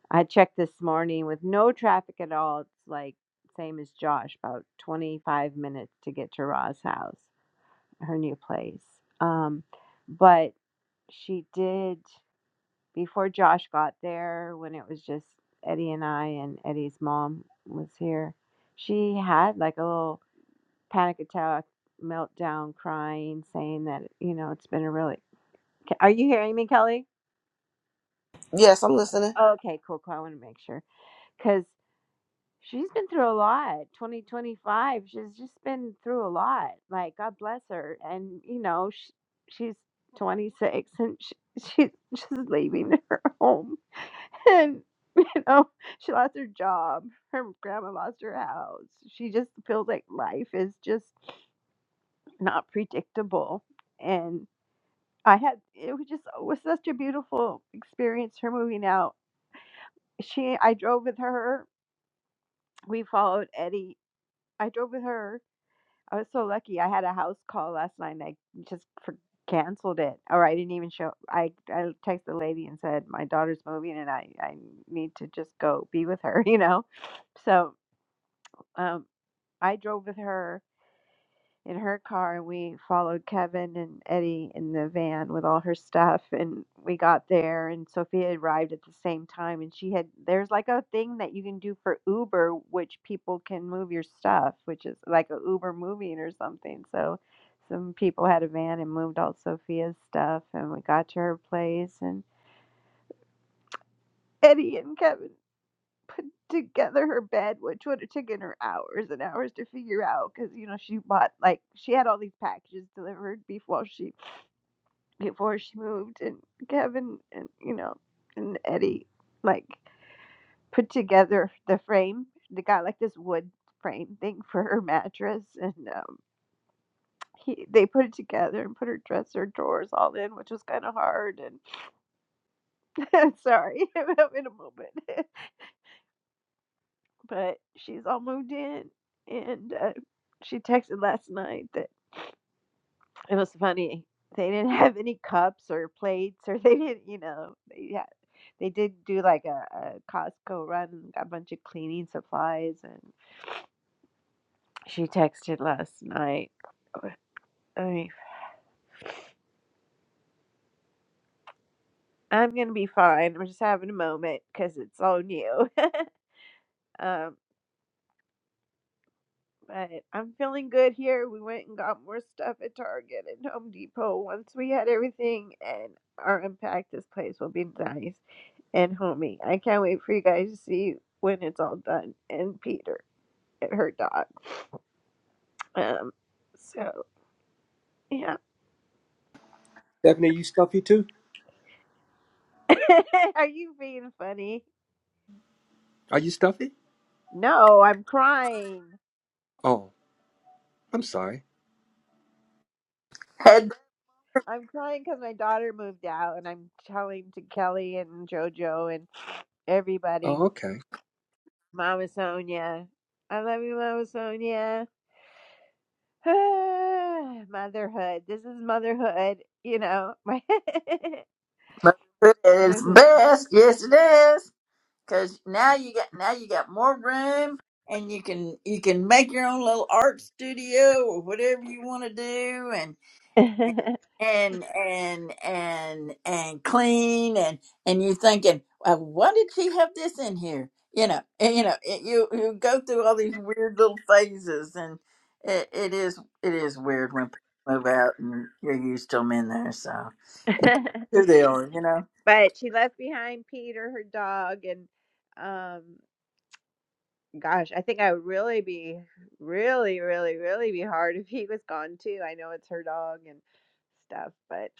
S3: I checked this morning with no traffic at all. It's like same as Josh, about 25 minutes to get to Ra's house, her new place. Um, but she did before Josh got there when it was just Eddie and I and Eddie's mom was here. She had like a little panic attack, meltdown, crying, saying that you know it's been a really. Are you hearing me, Kelly?
S4: Yes, I'm listening.
S3: Okay, cool, cool. I want to make sure because She's been through a lot. 2025, she's just been through a lot. Like, God bless her. And, you know, sh she's 26 and she, [LAUGHS] she's just leaving her home. And, you know, she lost her job. Her grandma lost her house. She just feels like life is just not predictable. And I had, it was just, it was such a beautiful experience, her moving out. She, I drove with her. We followed Eddie. I drove with her I was so lucky. I had a house call last night and I just for- canceled it. Or I didn't even show. I, I texted the lady and said, my daughter's moving and I, I need to just go be with her, [LAUGHS] you know? So um, I drove with her in her car and we followed Kevin and Eddie in the van with all her stuff and we got there and Sophia arrived at the same time and she had there's like a thing that you can do for Uber which people can move your stuff which is like a Uber moving or something so some people had a van and moved all Sophia's stuff and we got to her place and Eddie and Kevin put together her bed, which would have taken her hours and hours to figure out because you know she bought like she had all these packages delivered before she before she moved, and Kevin and you know and Eddie like put together the frame. They got like this wood frame thing for her mattress, and um, he they put it together and put her dresser drawers all in, which was kind of hard. And [LAUGHS] sorry, [LAUGHS] I'm having a moment. but she's all moved in. And uh, she texted last night that it was funny. They didn't have any cups or plates, or [LAUGHS] they didn't, you know, they had, they did do like a, a Costco run and got a bunch of cleaning supplies. And she texted last night, "Oh, "I- mean, I'm gonna be fine. We're just having a moment because it's all new. [LAUGHS] Um. But I'm feeling good here. We went and got more stuff at Target and Home Depot. Once we had everything and are unpacked, this place will be nice and homey. I can't wait for you guys to see when it's all done. And Peter and her dog. Um, so yeah.
S5: Stephanie, you stuffy too?
S3: [LAUGHS] Are you being funny?
S5: Are you stuffy?
S3: No, I'm crying.
S5: Oh, I'm sorry.
S1: Had-
S3: I'm crying because my daughter moved out, and I'm telling to Kelly and JoJo and everybody,
S5: Oh, okay.
S3: Mama Sonia, I love you, Mama Sonia. [SIGHS] motherhood. This is motherhood, you know. [LAUGHS] [LAUGHS]
S1: It's best, yes it is. Cause now you got now you got more room and you can you can make your own little art studio or whatever you want to do and and and and and clean and and you are thinking well, why did she have this in here you know and, you know it, you you go through all these weird little phases and it, it is it is weird when people move out and you're used to them in there so here they are you know
S3: but she left behind Peter, her dog, and um gosh, I think I would really be really, really, really be hard if he was gone too. I know it's her dog and stuff, but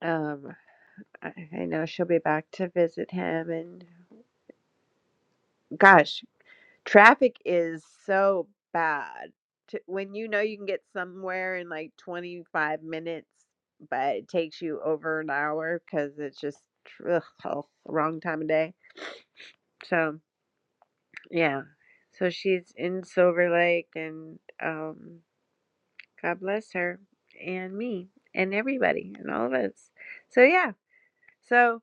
S3: um I, I know she'll be back to visit him and gosh Traffic is so bad. To, when you know you can get somewhere in like 25 minutes, but it takes you over an hour because it's just ugh, oh, wrong time of day. So, yeah. So she's in Silver Lake, and um, God bless her and me and everybody and all of us. So, yeah. So,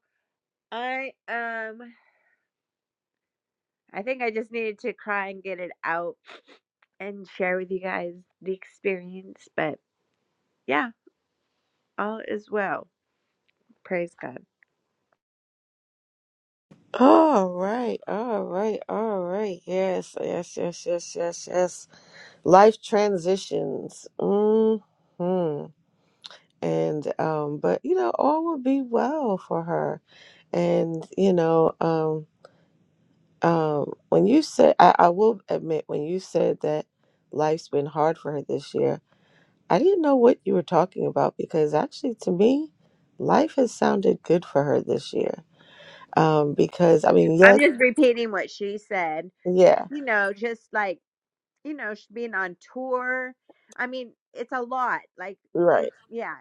S3: I um I think I just needed to cry and get it out and share with you guys the experience. But Yeah, all is well. Praise God.
S4: All right, all right, all right. Yes, yes, yes, yes, yes, yes. Life transitions. hmm and um but you know all will be well for her and you know um um when you said I, I will admit when you said that life's been hard for her this year i didn't know what you were talking about because actually to me life has sounded good for her this year um because i mean
S3: I'm
S4: yes
S3: just repeating what she said.
S4: yeah
S3: You know, just like, you know, she being on tour. I mean, it's a lot. Like it's
S4: right
S3: yeah.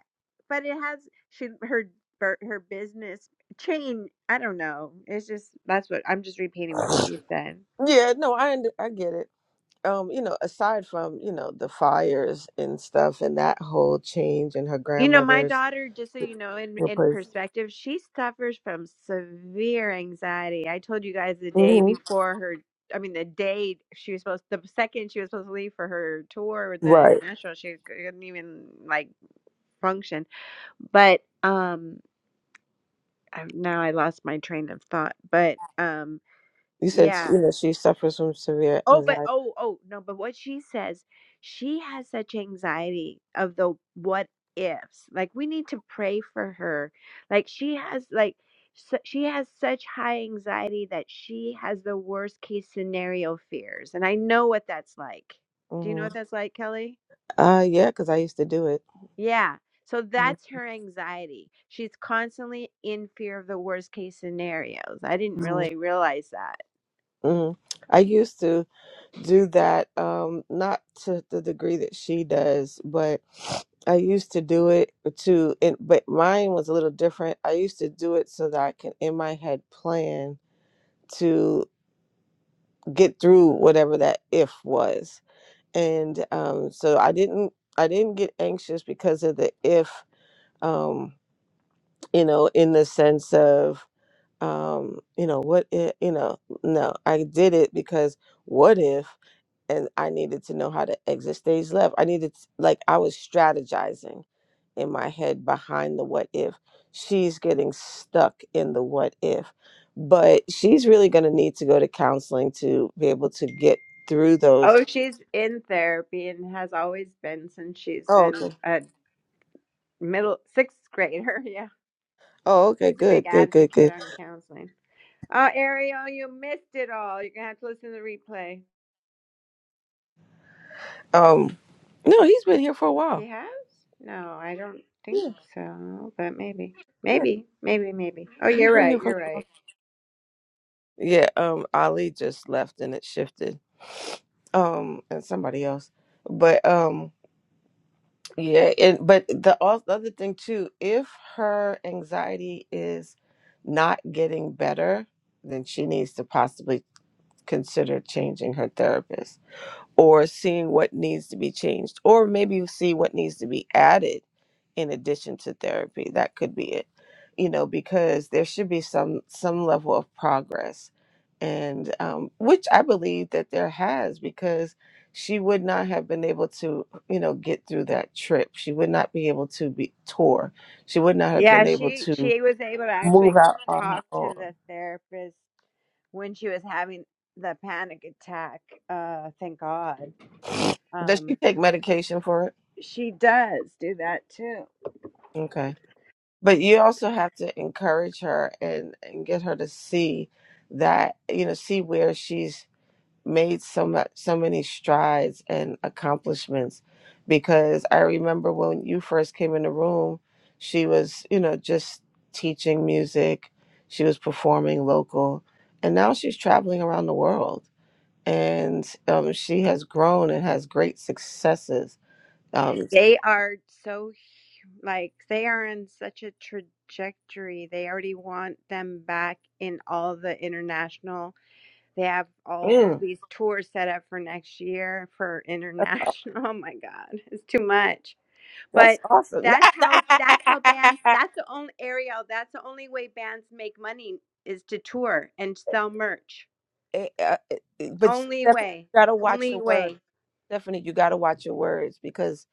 S3: But it has she her bur- her business chain, I don't know. It's just that's what I'm just repeating what
S4: [SNIFFS]
S3: she said.
S4: yeah no i und- i get it um you know aside from you know the fires and stuff and that whole change and her
S3: You know, my
S4: grandmother's
S3: daughter, just so you know, in in
S4: replace.
S3: perspective, she suffers from severe anxiety. I told you guys the day
S4: hmm
S3: before her, I mean, the day she was supposed, the second she was supposed to leave for her tour with the
S4: Right.
S3: international, she couldn't even like function. But um, I, now I lost my train of thought. But um,
S4: You said you
S3: yeah.
S4: know she suffers from severe
S3: Oh, but
S4: anxiety.
S3: oh, oh, no, but what she says, she has such anxiety of the what ifs. Like we need to pray for her. Like she has like su she has such high anxiety that she has the worst case scenario fears. And I know what that's like. Do you know
S4: hmm
S3: what that's like, Kelly?
S4: Uh, yeah, because I used to do it.
S3: Yeah. So that's her anxiety. She's constantly in fear of the worst case scenarios. I didn't
S4: Mm-hmm.
S3: really realize that.
S4: hmm I used to do that, um, not to the degree that she does, but I used to do it to, and, but mine was a little different. I used to do it so that I can, in my head, plan to get through whatever that if was. And um, so I didn't, I didn't get anxious because of the if. Um, you know, in the sense of, um, you know, what if, you know, no, I did it because what if, and I needed to know how to exit stage left. I needed, to, like, I was strategizing in my head behind the what if. She's getting stuck in the what if, but she's really going to need to go to counseling to be able to get through those.
S3: Oh, she's in therapy and has always been since she's
S4: Oh,
S3: been
S4: okay.
S3: a middle sixth grader. [LAUGHS] Yeah,
S4: Oh, okay.
S3: she's a big
S4: Good, good, good,
S3: advocate
S4: good.
S3: on counseling. Oh, Ariel, you missed it all. You're gonna have to listen to the replay.
S4: Um, no, he's been here for a
S3: He
S4: while.
S3: has? No, I don't think
S4: Yeah,
S3: so. But maybe,
S4: yeah.
S3: maybe, maybe, maybe. Oh,
S4: He's
S3: you're
S4: been
S3: right.
S4: here for
S3: You're right.
S4: Yeah, um, Ali just left and it shifted. Um, and somebody else. But um, yeah, and but the, al- the other thing too, if her anxiety is not getting better, then she needs to possibly consider changing her therapist or seeing what needs to be changed, or maybe see what needs to be added in addition to therapy. That could be it, you know, because there should be some some level of progress, and um, which I believe that there has, because she would not have been able to, you know, get through that trip. She would not be able to be tour. She would not have
S3: Yeah,
S4: been able
S3: she
S4: to
S3: she was able to actually
S4: move out on her
S3: talk to the
S4: own.
S3: therapist when she was having the panic attack. Uh, thank God.
S4: Does
S3: Um.
S4: she take medication for it?
S3: She does do that too.
S4: Okay. but you also have to encourage her and and get her to see that you know see where she's made so much so many strides and accomplishments because i remember when you first came in the room she was you know just teaching music she was performing local and now she's traveling around the world and um, she has grown and has great successes um,
S3: They are so hu- like they are in such a trajectory. They already want them back in all the international. They have all
S4: mm,
S3: these tours set up for next year for international. [LAUGHS] Oh my god, it's too much. But
S4: that's awesome
S3: that's how that's how bands
S4: [LAUGHS]
S3: that's the only Ariel, that's the only way bands make money is to tour and sell merch.
S4: it, uh, it, it- but
S3: Only
S4: Stephanie,
S3: way.
S4: you gotta watch
S3: Only
S4: your
S3: way.
S4: words. Stephanie, you gotta watch your words because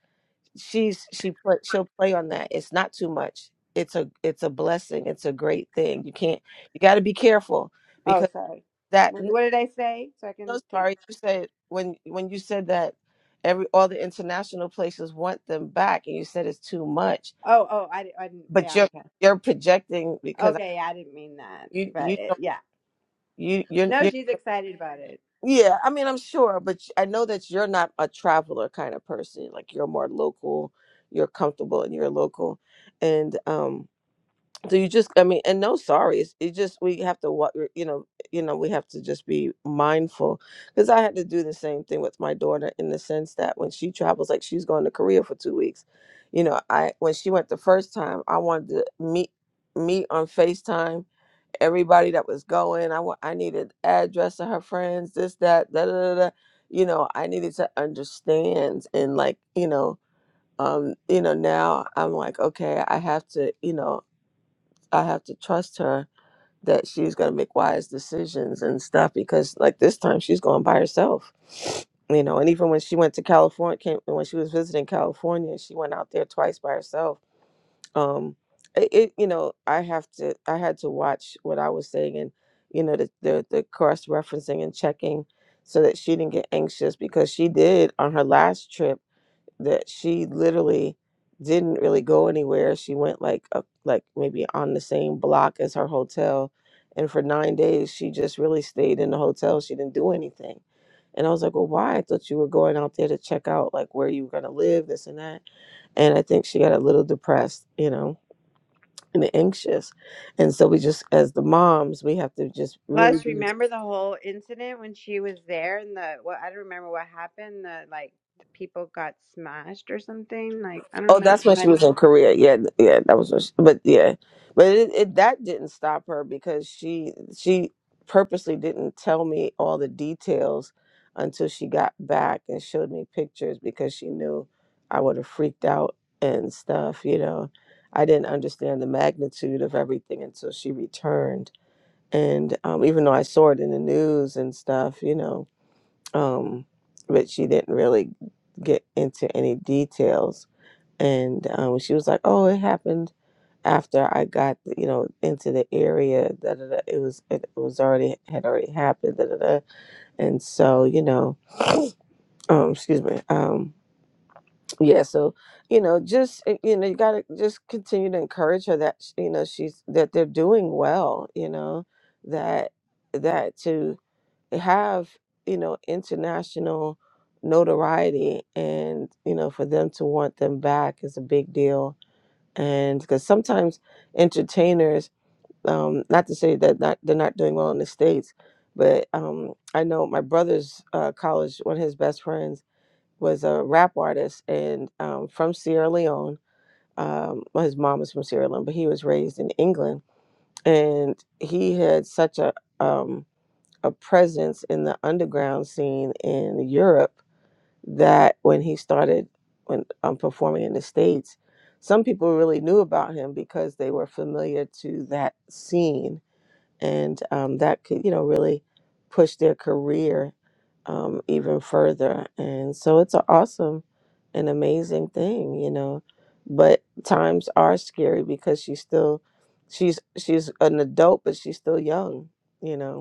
S4: she's she pla she'll play on that. It's not too much. It's a it's a blessing. It's a great thing. You can't you gotta be careful
S3: Oh,
S4: because
S3: sorry.
S4: that.
S3: What,
S4: n-
S3: what did I say? So I
S4: No,
S3: can take.
S4: sorry, you said when when you said that every all the international places want them back, and you said it's too much.
S3: Oh, oh, I, di- I didn't.
S4: But
S3: Yeah,
S4: you're
S3: okay.
S4: you're projecting because
S3: Okay, yeah, I didn't mean that.
S4: you
S3: But
S4: you
S3: it,
S4: don't
S3: yeah.
S4: you you're,
S3: No,
S4: you're
S3: she's excited about it.
S4: Yeah, I mean, I'm sure, but I know that you're not a traveler kind of person. Like you're more local, you're comfortable and you're local. And um so you just I mean, and no sorry. It's, it just we have to what you know, you know, we have to just be mindful cuz I had to do the same thing with my daughter in the sense that when she travels like she's going to Korea for 2 weeks. You know, I when she went the first time, I wanted to meet meet on FaceTime everybody that was going. I wa- I needed address of her friends, this, that, da, da, da, da. You know, I needed to understand and like, you know, um, you know, now I'm like, okay, I have to, you know, I have to trust her that she's gonna make wise decisions and stuff because like this time she's going by herself. [SNIFFS] You know, and even when she went to California, came, when she was visiting California, she went out there twice by herself um it, it you know i have to i had to watch what i was saying and you know the the, the cross referencing and checking so that she didn't get anxious because she did on her last trip that she literally didn't really go anywhere she went like up like maybe on the same block as her hotel and for nine days she just really stayed in the hotel she didn't do anything and i was like well why i thought you were going out there to check out like where you were going to live this and that and i think she got a little depressed you know and anxious. And so we just, as the moms, we have to just really
S3: Plus,
S4: be.
S3: remember the whole incident when she was there and the, well, I don't remember what happened. The, like, people got smashed or something. Like, I don't
S4: Oh,
S3: know.
S4: that's when she was
S3: Running.
S4: in Korea. Yeah, yeah, that was. When she, but yeah, but it, it that didn't stop her because she she purposely didn't tell me all the details until she got back and showed me pictures because she knew I would have freaked out and stuff. You know, I didn't understand the magnitude of everything until she returned. And um, even though I saw it in the news and stuff, you know, um, but she didn't really get into any details. And um, she was like, "Oh, it happened after I got, you know, into the area. Da, da, da. It was it was already had already happened. Da, da, da. And so, you know, um, excuse me, um, yeah. So, you know, just uh, you know, you gotta just continue to encourage her that sh- you know she's that they're doing well. You know that." that to they have you know international notoriety and you know for them to want them back is a big deal and because sometimes entertainers um not to say that not, they're not doing well in the states but um i know my brother's uh, college one of his best friends was a rap artist and um, from sierra leone um well, his mom is from sierra leone but he was raised in england and he had such a um a presence in the underground scene in Europe that when he started when um, performing in the states, some people really knew about him because they were familiar to that scene, and um, that could you know really push their career um, even further. And so it's an awesome and amazing thing, you know. But times are scary because she's still she's she's an adult, but she's still young, you know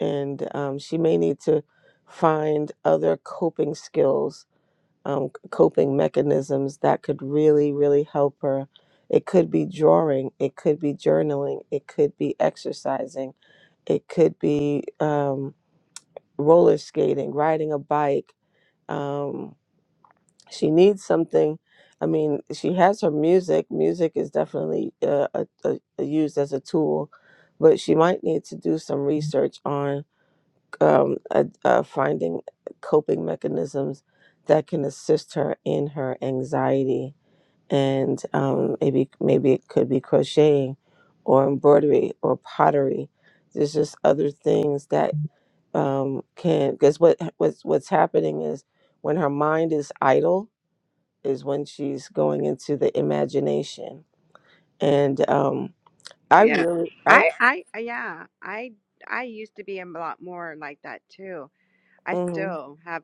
S4: and um, she may need to find other coping skills, um, coping mechanisms that could really, really help her. It could be drawing, it could be journaling, it could be exercising, it could be um, roller skating, riding a bike. Um, she needs something. I mean, she has her music. Music is definitely uh, a, a, used as a tool, but she might need to do some research on um, uh, uh, finding coping mechanisms that can assist her in her anxiety. And um, maybe maybe it could be crocheting, or embroidery, or pottery. There's just other things that um, can. Because what what's what's happening is when her mind is idle is when she's going into the imagination. And um, I
S3: Yeah.
S4: really I.
S3: I, I, I- yeah, I, I used to be a lot more like that too. I
S4: mhm,
S3: still have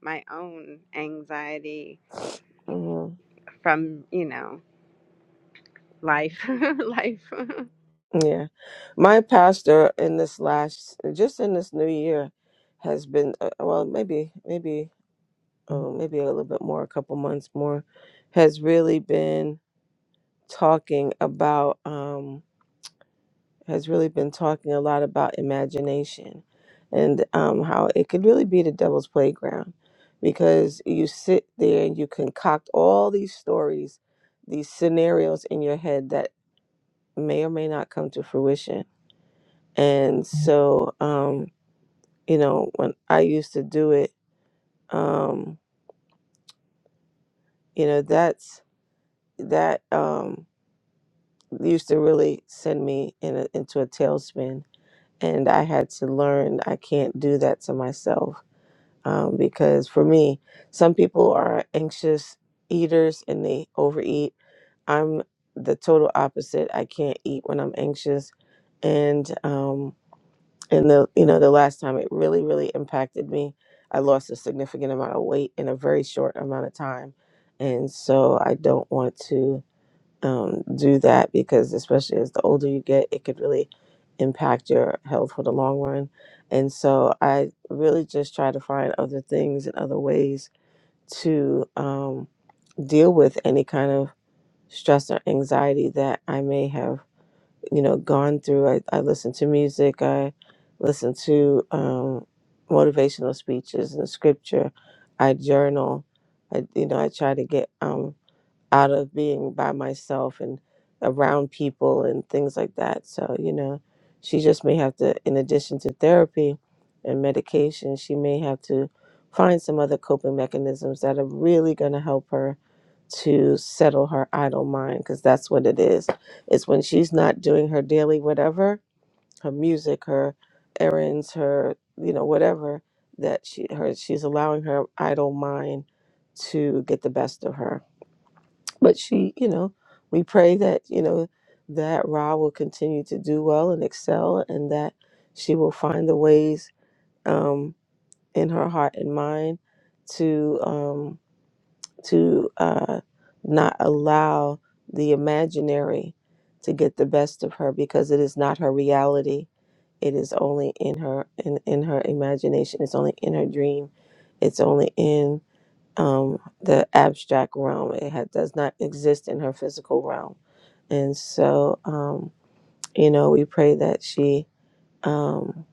S3: my own anxiety
S4: mhm.
S3: from, you know, Life, [LAUGHS] life. [LAUGHS]
S4: Yeah. My pastor in this last, just in this new year, has been, uh, well, maybe, maybe, um, maybe a little bit more, a couple months more, has really been talking about, um, has really been talking a lot about imagination and um, how it could really be the devil's playground because you sit there and you concoct all these stories, these scenarios in your head that may or may not come to fruition And so, um, you know, when I used to do it, um, you know, that's that um, used to really send me in a, into a tailspin. And I had to learn I can't do that to myself um, because for me, some people are anxious eaters and they overeat. I'm the total opposite. I can't eat when I'm anxious. And, um, and the you know the last time it really really impacted me i lost a significant amount of weight in a very short amount of time and so i don't want to um, do that because especially as the older you get it could really impact your health for the long run and so i really just try to find other things and other ways to um, deal with any kind of stress or anxiety that i may have you know gone through i, I listen to music i listen to um, motivational speeches and scripture i journal i you know i try to get um, out of being by myself and around people and things like that. So, you know, she just may have to, in addition to therapy and medication, she may have to find some other coping mechanisms that are really going to help her to settle her idle mind because that's what it is. It's when she's not doing her daily whatever, her music, her errands, her you know whatever that she her she's allowing her idle mind to get the best of her but she, you know, we pray that, you know, that Ra will continue to do well and excel and that she will find the ways um, in her heart and mind to um, to uh, not allow the imaginary to get the best of her because it is not her reality. It is only in her in, in her imagination. It's only in her dream. It's only in um, the abstract realm. It ha- does not exist in her physical realm. And so, um, you know, we pray that she, um,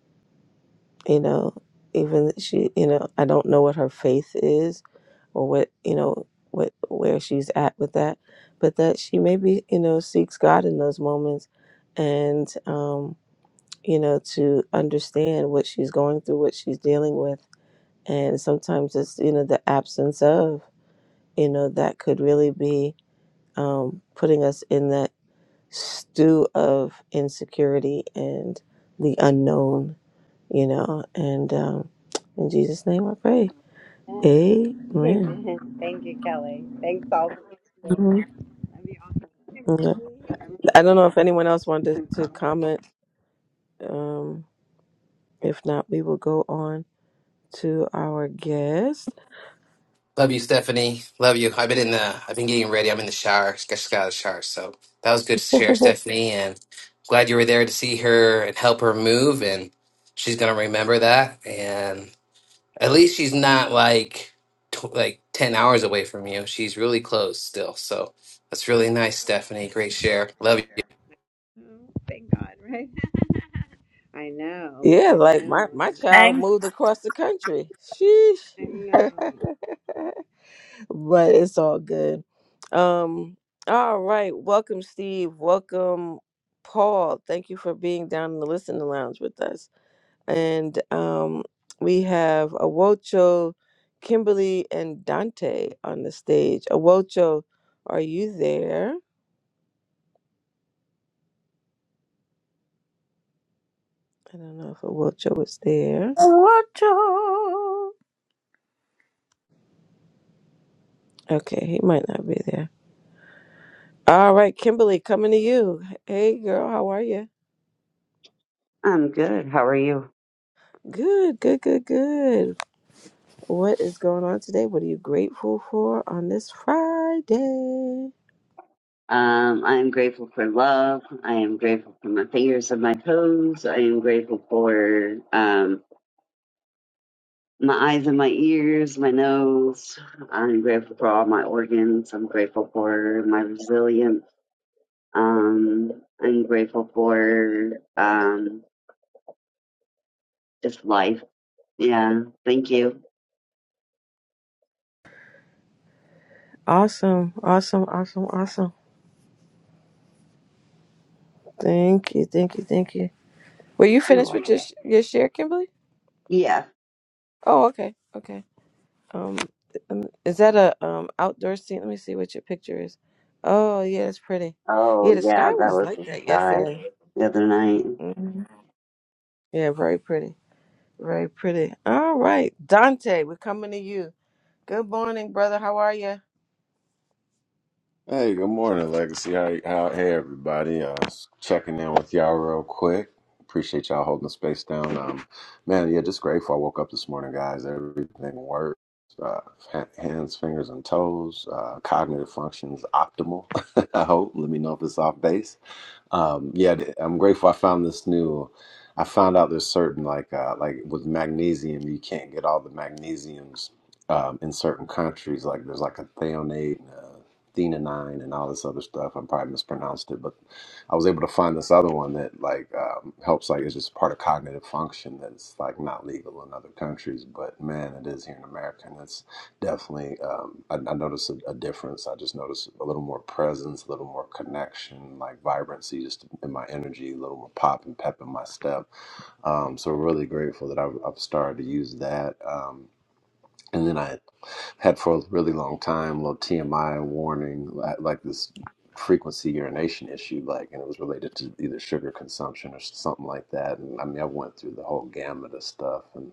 S4: you know, even she, you know, I don't know what her faith is or what, you know, what where she's at with that, but that she maybe, you know, seeks God in those moments and, um, you know, to understand what she's going through, what she's dealing with. And sometimes it's, you know, the absence of, you know, that could really be um, putting us in that stew of insecurity and the unknown, you know. And um, in Jesus' name I pray. Amen.
S3: Amen. Thank you, Kelly. Thanks all for listening.
S4: Mhm.
S3: That'd be awesome.
S4: Mhm.
S3: Kimberly, I
S4: I don't know if anyone else wanted to comment. Um, if not, we will go on to our guest.
S6: Love you, Stephanie. Love you. I've been in the. I've been getting ready. I'm in the shower. Just got out of the shower, so that was good to share,
S4: [LAUGHS]
S6: Stephanie. And glad you were there to see her and help her move. And she's gonna remember that. And at least she's not like tw- like ten hours away from you. She's really close still. So that's really nice, Stephanie. Great share. Love you.
S3: know. Thank God, right? [LAUGHS] I know,
S4: Yeah,
S3: I
S4: like my,
S3: know, I
S4: my child
S1: and
S4: moved across the country. Sheesh.
S3: know. [LAUGHS] I know.
S4: [LAUGHS] but it's all good. Um, all right. Welcome, Steve. Welcome, Paul. Thank you for being down in the listening lounge with us. And um, we have Awocho, Kimberly, and Dante on the stage. Awocho, are you there? I don't know if Awocho is there.
S1: watch
S4: Okay, he might not be there. All right, Kimberly, coming to you. Hey, girl, how are you?
S7: I'm good. How are you?
S4: Good, good, good, good. What is going on today? What are you grateful for on this Friday?
S7: Um, I am grateful for love. I am grateful for my fingers and my toes. I am grateful for um, my eyes and my ears, my nose. I'm grateful for all my organs. I'm grateful for my resilience. Um, I'm grateful for um, just life. Yeah. Thank you.
S4: Awesome, awesome, awesome, awesome. Thank you, thank you, thank you. Were you
S7: You're
S4: finished with
S7: welcome.
S4: your, sh- your share, Kimberly?
S7: Yeah.
S4: Oh, okay, okay. Um, um, is that a um outdoor scene? Let me see what your picture is. Oh, yeah, it's pretty. Yeah,
S7: Oh,
S4: the sky
S7: yeah. That
S4: was
S7: was
S4: like
S7: the
S4: that
S7: sky
S4: yesterday.
S7: the other night.
S4: hmm Yeah, very pretty, very pretty. All right, Dante, we're coming to you. Good morning, brother. How are you?
S8: Hey, good morning, Legacy. How, how hey everybody? Uh, s- checking in with y'all real quick. Appreciate y'all holding the space down. Um, man, yeah, just grateful. I woke up this morning, guys. Everything works. Uh, ha- hands, fingers, and toes. Uh, cognitive functions optimal. [LAUGHS] I hope. Let me know if it's off base. Um, yeah, I'm grateful I found this new. I found out there's certain like uh, like with magnesium, you can't get all the magnesiums um, in certain countries. Like there's like a theonate and a thenonine and all this other stuff. I probably mispronounced it, but I was able to find this other one that like um, helps. Like it's just part of cognitive function that's like not legal in other countries, but man, it is here in America, and it's Definitely. Um, I, I noticed a, a difference. I just noticed a little more presence, a little more connection, like vibrancy just in my energy, a little more pop and pep in my step. Um, so really grateful that I've, I've started to use that. Um, and then I had for a really long time, a little TMI warning, li- like this frequency urination issue, like, and it was related to either sugar consumption or something like that. And I mean, I went through the whole gamut of stuff and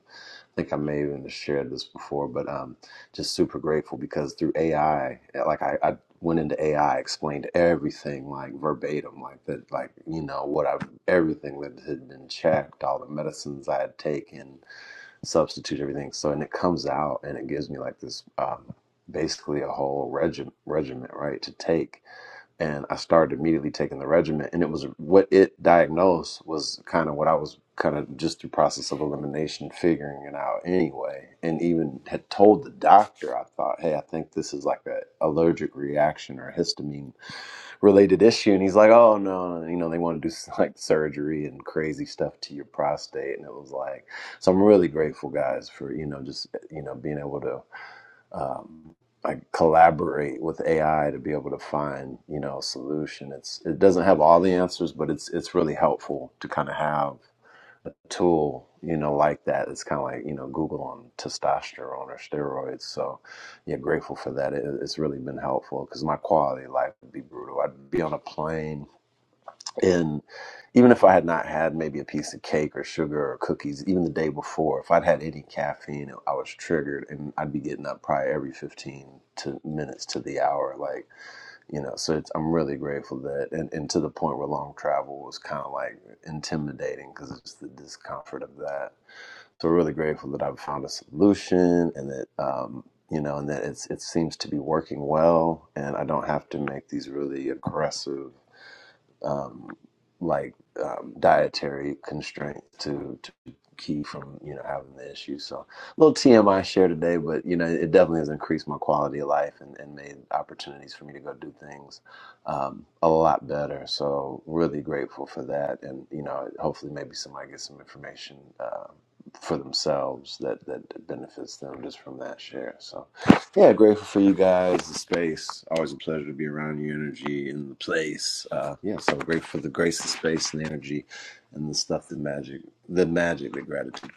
S8: think I may have even shared this before, but um, just super grateful because through AI, like I, I went into AI, explained everything like verbatim, like that, like you know what I have everything that had been checked, all the medicines I had taken, substitute everything. So and it comes out and it gives me like this um, basically a whole regiment regiment right to take and I started immediately taking the regimen. And it was what it diagnosed was kind of what I was kind of just through process of elimination figuring it out anyway. And even had told the doctor, I thought, hey, I think this is like a allergic reaction or a histamine related issue. And he's like, oh no, you know, they want to do [LAUGHS] like surgery and crazy stuff to your prostate. And it was like, so I'm really grateful, guys, for you know just you know being able to um, I collaborate with AI to be able to find you know a solution. It's it doesn't have all the answers, but it's it's really helpful to kind of have a tool you know like that. It's kind of like you know Google on testosterone or steroids. So yeah, grateful for that. It, it's really been helpful because my quality of life would be brutal. I'd be on a plane and even if I had not had maybe a piece of cake or sugar or cookies, even the day before, if I'd had any caffeine, I was triggered and I'd be getting up probably every 15 to minutes to the hour. Like, you know, so it's, I'm really grateful that, and, and to the point where long travel was kind of like intimidating because it's the discomfort of that. So really grateful that I've found a solution and that, um, you know, and that it's, it seems to be working well, and I don't have to make these really aggressive um, like um, dietary constraints to, to keep from you know having the issue. So a little TMI share today, but you know it definitely has increased my quality of life and, and made opportunities for me to go do things um, a lot better. So really grateful for that, and you know hopefully maybe somebody gets some information. Uh, for themselves that that benefits them just from that share. So yeah, grateful for you guys, the space. Always a pleasure to be around your energy in the place. Uh, yeah, so grateful for the grace, the space, and the energy, and the stuff, the magic, the magic, the gratitude.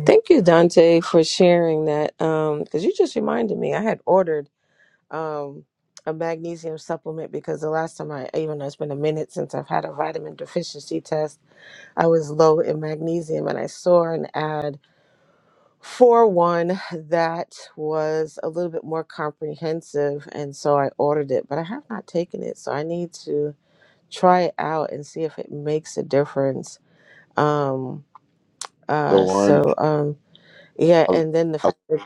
S4: Thank you, Dante, for sharing that. Um, because you just reminded me, I had ordered um a magnesium supplement because the last time I even though it's been a minute since I've had a vitamin deficiency test, I was low in magnesium, and I saw an ad for one that was a little bit more comprehensive, and so I ordered it, but I have not taken it, so I need to try it out and see if it makes a difference. Um.
S8: The
S4: Uh.
S8: one,
S4: So. Um. Yeah,
S8: I, was,
S4: and then the
S8: I, was,
S4: fact that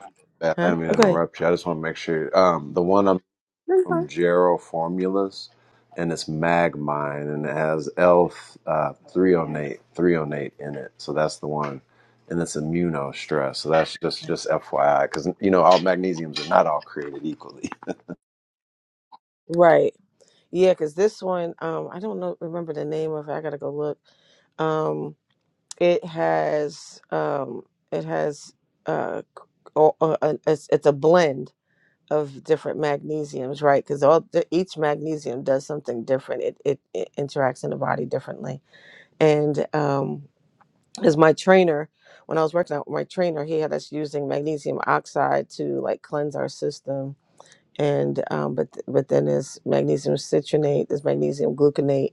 S8: I
S4: Huh?
S8: didn't mean to
S4: Okay.
S8: interrupt you. I just want to make sure. Um, the one I'm
S4: That's fine.
S8: from Gerald Formulas, and it's Magmine, and it has L uh, 308, 308 in it. So that's the one. And it's immuno stress. So that's just just FYI, because you know all magnesiums are not all created equally.
S4: Right. Yeah, because this one, um, I don't know remember the name of it. I gotta go look. Um, it has um it has uh o- uh, uh, it's, it's a blend of different magnesiums, right? Because all the, each magnesium does something different. It, it it interacts in the body differently. And um as my trainer, when I was working out with my trainer, he had us using magnesium oxide to like cleanse our system and um, but but then there's magnesium citronate, there's magnesium gluconate,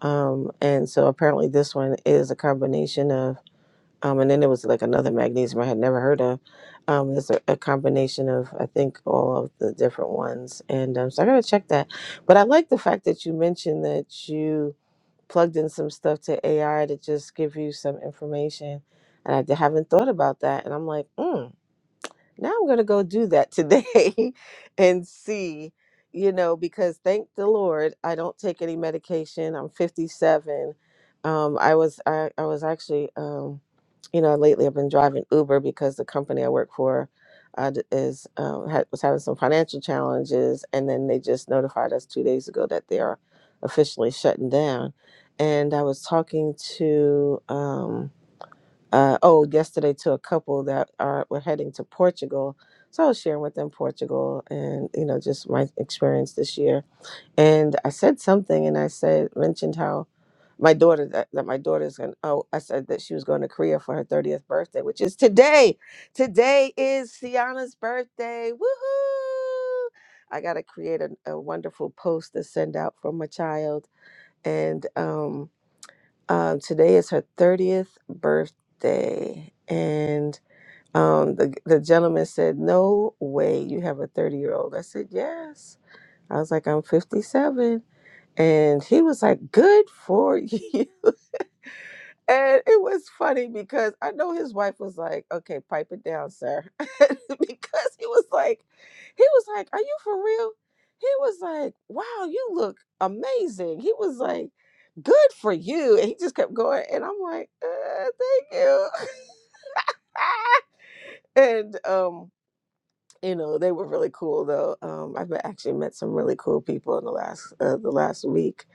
S4: um, and so apparently this one is a combination of, um, and then there was like another magnesium I had never heard of. Um, it's a, a combination of I think all of the different ones, and um, so I gotta check that. But I like the fact that you mentioned that you plugged in some stuff to AI to just give you some information, and I haven't thought about that, and I'm like, hmm now I'm going to go do that today [LAUGHS] and see, you know, because thank the Lord, I don't take any medication. I'm 57. Um, I was I, I was actually, um, you know, lately I've been driving Uber because the company I work for uh, d- is um, had, was having some financial challenges, and then they just notified us two days ago that they are officially shutting down. And I was talking to. Um, uh, oh yesterday to a couple that are were heading to Portugal. So I was sharing with them Portugal and you know just my experience this year. And I said something, and I said mentioned how my daughter that, that my daughter's going. Oh, I said that she was going to Korea for her thirtieth birthday, which is today. Today is Sienna's birthday. Woohoo! I got to create a, a wonderful post to send out for my child, and um um, today is her 30th birthday. And um, the, the gentleman said, No way you have a 30 year old. I said, Yes. I was like, I'm 57," And he was like, Good for [LAUGHS] you. And it was funny because I know his wife was like, okay, pipe it down, sir. [LAUGHS] because he was like, he was like, are you for real? He was like, wow, you look amazing. He was like, good for you. And he just kept going. And I'm like, uh, thank you. [LAUGHS] and um, you know they were really cool though um i've actually met some really cool people in the last uh, the last week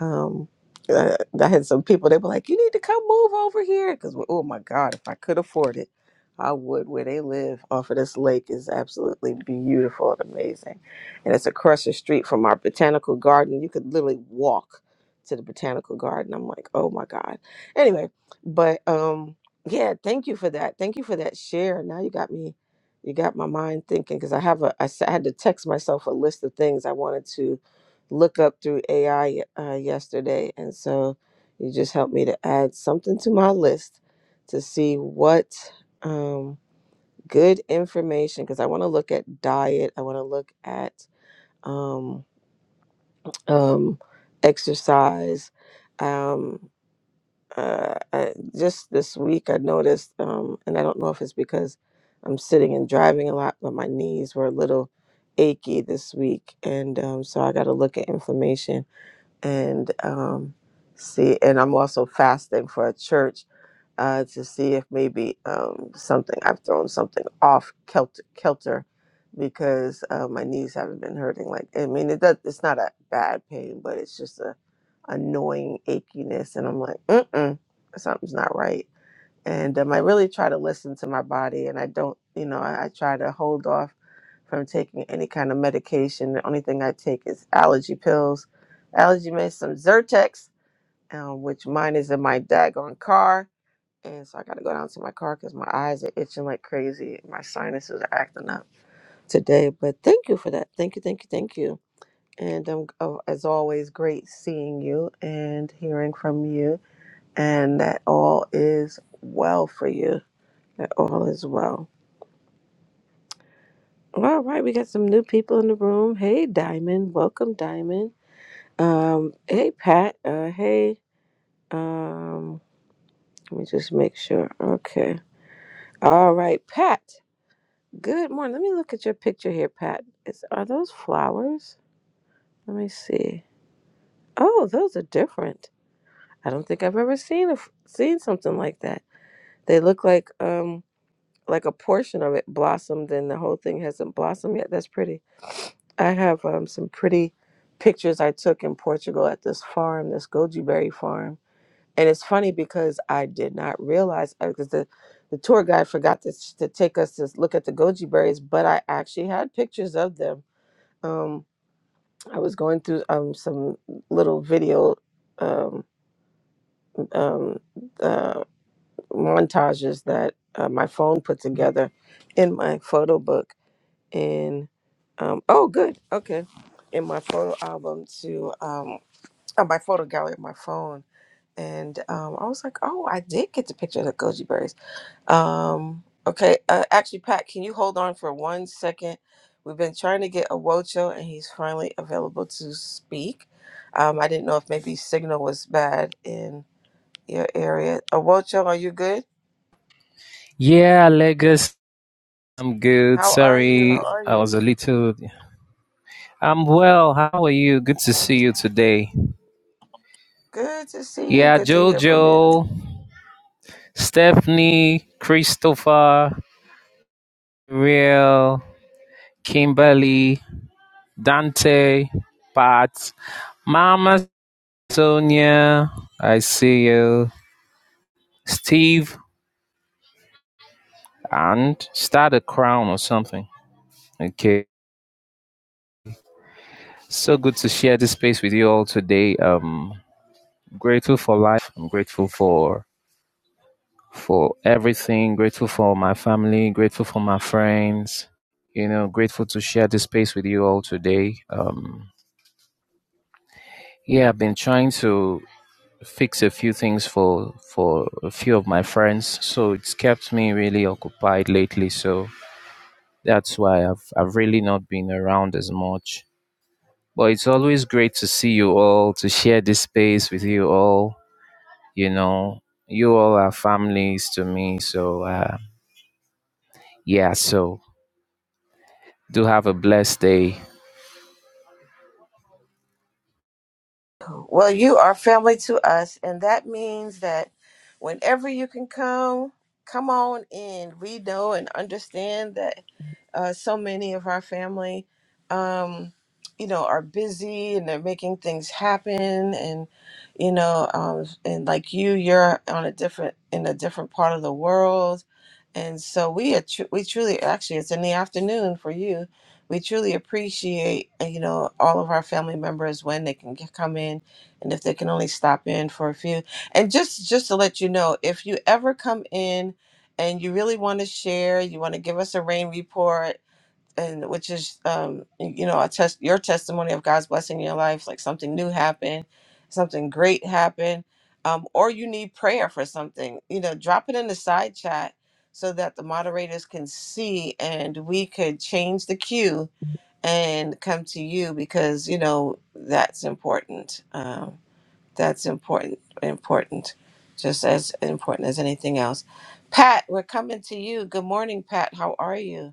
S4: um uh, i had some people they were like you need to come move over here because oh my god if i could afford it i would where they live off of this lake is absolutely beautiful and amazing and it's across the street from our botanical garden you could literally walk to the botanical garden i'm like oh my god anyway but um yeah thank you for that thank you for that share now you got me you got my mind thinking because I have a I s- I had to text myself a list of things I wanted to look up through AI uh, yesterday, and so you just helped me to add something to my list to see what um, good information because I want to look at diet, I want to look at um, um, exercise. Um, uh, I, just this week I noticed, um, and I don't know if it's because I'm sitting and driving a lot, but my knees were a little achy this week, and um, so I got to look at inflammation and um, see. And I'm also fasting for a church uh, to see if maybe um, something I've thrown something off kelter, kelter because uh, my knees haven't been hurting. Like I mean, it does, it's not a bad pain, but it's just a annoying achiness, and I'm like, mm mm, something's not right and um, I really try to listen to my body, and I don't, you know, I, I try to hold off from taking any kind of medication. The only thing I take is allergy pills, allergy meds, some Zyrtex, um, which mine is in my daggone car, and so I got to go down to my car because my eyes are itching like crazy, my sinuses are acting up today. But thank you for that. Thank you, thank you, thank you. And um, oh, as always, great seeing you and hearing from you, and that all is well for you that all is well. All right, we got some new people in the room. Hey, Diamond. Welcome, Diamond. Um, hey, Pat. Uh, hey, um, let me just make sure. Okay. All right, Pat. Good morning. Let me look at your picture here, Pat. Is, are those flowers? Let me see. Oh, those are different. I don't think I've ever seen a, f- seen something like that. They look like um like a portion of it blossomed and the whole thing hasn't blossomed yet. That's pretty. I have um, some pretty pictures I took in Portugal at this farm, this goji berry farm. And it's funny because I did not realize because the, the tour guide forgot to, to take us to look at the goji berries, but I actually had pictures of them. Um, I was going through um, some little video um, um, uh, montages that uh, my phone put together in my photo book And um oh good okay in my photo album to um uh, my photo gallery of my phone and um i was like oh i did get the picture of the goji berries um okay uh, actually pat can you hold on for one second we've been trying to get awocho and he's finally available to speak um i didn't know if maybe signal was bad in your area awocho are you good
S9: Yeah, Lagos. I'm good.
S4: how are you how
S9: Sorry,
S4: are
S9: I
S4: you
S9: was a little. I'm well. How are you? Good to see you today.
S4: good to see you
S9: Yeah,
S4: good to hear from you
S9: Jojo, Stephanie, Christopher, Real, Kimberly, Dante, Pat, Mama Sonia. I see you, Steve, and start a crown or something. Okay. So good to share this space with you all today. Um, grateful for life. I'm grateful for for everything, grateful for my family, grateful for my friends, you know, grateful to share this space with you all today. Um, yeah, I've been trying to fix a few things for for a few of my friends, so it's kept me really occupied lately. So that's why I've I've really not been around as much. But it's always great to see you all, to share this space with you all. You know, you all are families to me. So uh, yeah, so Do have a blessed day.
S4: Well, you are family to us, and that means that whenever you can come, come on in. We know and understand that uh, so many of our family, um, you know, are busy and they're making things happen, and you know, um, and like you, you're on a different in a different part of the world, and so we are tru- we truly actually it's in the afternoon for you. We truly appreciate uh, you know all of our family members when they can get, come in, and if they can only stop in for a few. And just just to let you know, if you ever come in and you really want to share, you want to give us a rain report, and which is um you know a test your testimony of god's blessing in your life like something new happened something great happened um or you need prayer for something you know drop it in the side chat so that the moderators can see and we could change the queue and come to you because you know that's important um that's important important just as important as anything else pat we're coming to you good morning pat how are you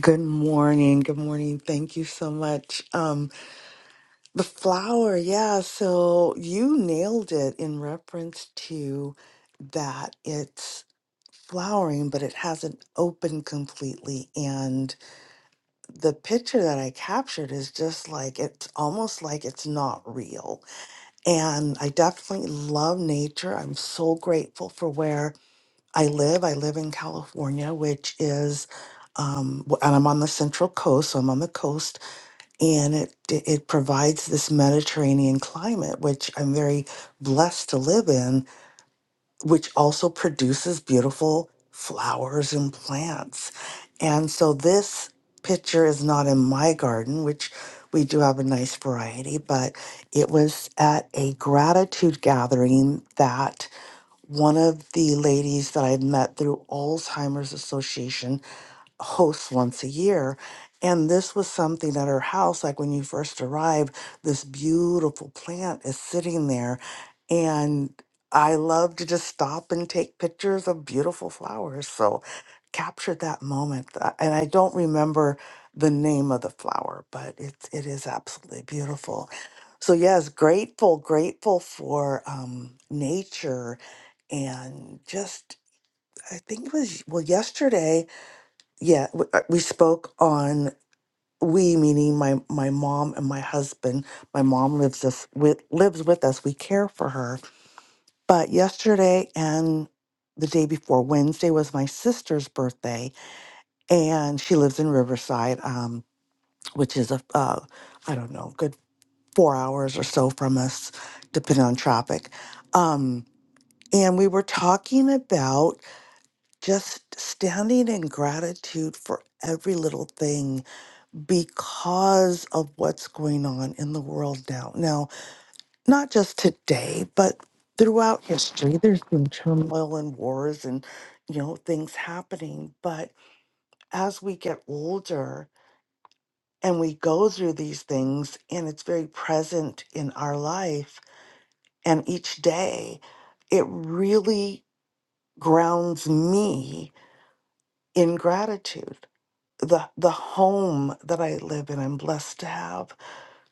S10: Good morning. Good morning. Thank you so much. Um, the flower, yeah. So you nailed it in reference to that it's flowering, but it hasn't opened completely. And the picture that I captured is just like it's almost like it's not real. And I definitely love nature. I'm so grateful for where I live. I live in California, which is um, w- and I'm on the Central Coast, so I'm on the coast and it it provides this Mediterranean climate, which I'm very blessed to live in, which also produces beautiful flowers and plants. And so this picture is not in my garden, which we do have a nice variety, but it was at a gratitude gathering that one of the ladies that I had met through Alzheimer's Association hosts once a year. And this was something at her house, like when you first arrive, this beautiful plant is sitting there. And I love to just stop and take pictures of beautiful flowers. So captured that moment. Uh, And I don't remember the name of the flower, but it's it is absolutely beautiful. So yes, grateful, grateful for um, nature and just I think it was well yesterday yeah w- uh, we spoke on we meaning my my mom and my husband my mom lives us with lives with us we care for her but yesterday and the day before wednesday was my sister's birthday and she lives in riverside um which is a uh, i don't know good four hours or so from us depending on traffic um and we were talking about just standing in gratitude for every little thing because of what's going on in the world now. Now, not just today, but throughout history, there's been turmoil and wars and, you know, things happening. But as we get older and we go through these things, and it's very present in our life and each day, it really grounds me in gratitude. The, the home that I live in, I'm blessed to have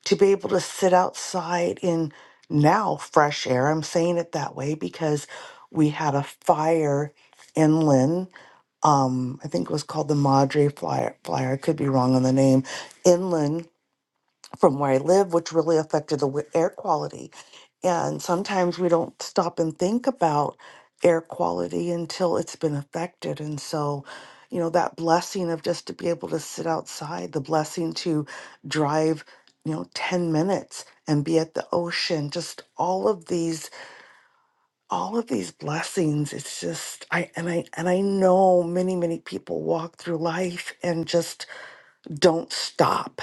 S10: to be able to sit outside in now fresh air. I'm saying it that way because we had a fire inland. Um, I think it was called the Madre Flyer. Flyer. I could be wrong on the name. Inland from where I live, which really affected the wi- air quality. And sometimes we don't stop and think about air quality until it's been affected. And so, you know, that blessing of just to be able to sit outside, the blessing to drive, you know, 10 minutes and be at the ocean, just all of these, all of these blessings. It's just, I, and I, and I know many, many people walk through life and just don't stop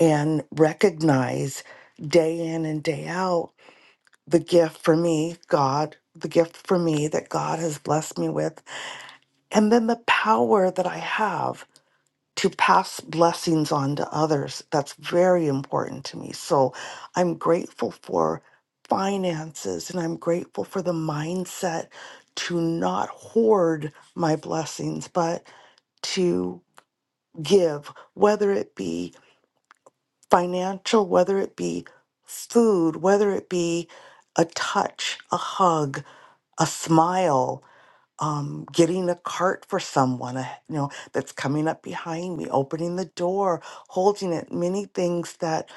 S10: and recognize day in and day out the gift for me, God, the gift for me that God has blessed me with, and then the power that I have to pass blessings on to others. That's very important to me. So I'm grateful for finances and I'm grateful for the mindset to not hoard my blessings, but to give, whether it be financial, whether it be food, whether it be a touch, a hug, a smile, um, getting a cart for someone, a, you know, that's coming up behind me, opening the door, holding it. Many things that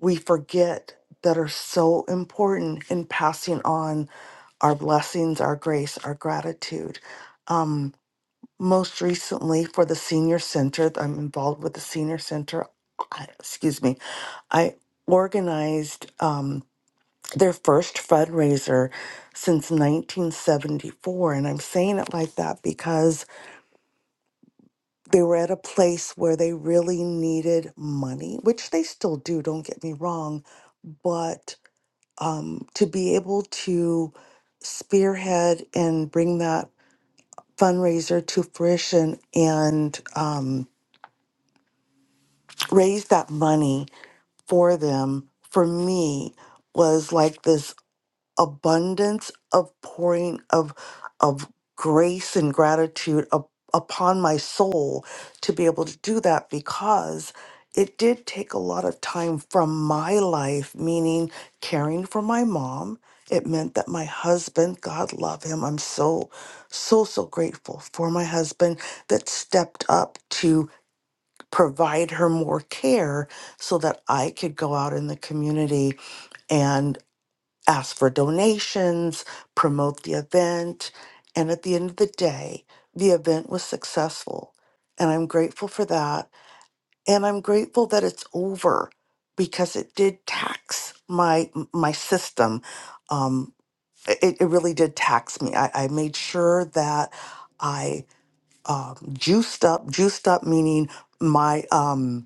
S10: we forget that are so important in passing on our blessings, our grace, our gratitude. Um, most recently, for the senior center, I'm involved with the senior center. I- Excuse me, I organized. um, their first fundraiser since 1974. And I'm saying it like that because they were at a place where they really needed money, which they still do, don't get me wrong. But um, to be able to spearhead and bring that fundraiser to fruition and um, raise that money for them, for me, was like this abundance of pouring of of grace and gratitude up, upon my soul to be able to do that because it did take a lot of time from my life meaning caring for my mom it meant that my husband god love him i'm so so so grateful for my husband that stepped up to provide her more care so that i could go out in the community ask for donations, promote the event, and at the end of the day, the event was successful. And I'm grateful for that. And I'm grateful that it's over because it did tax my my system. Um, it, it really did tax me. I, I made sure that I um, juiced up. Juiced up meaning my um,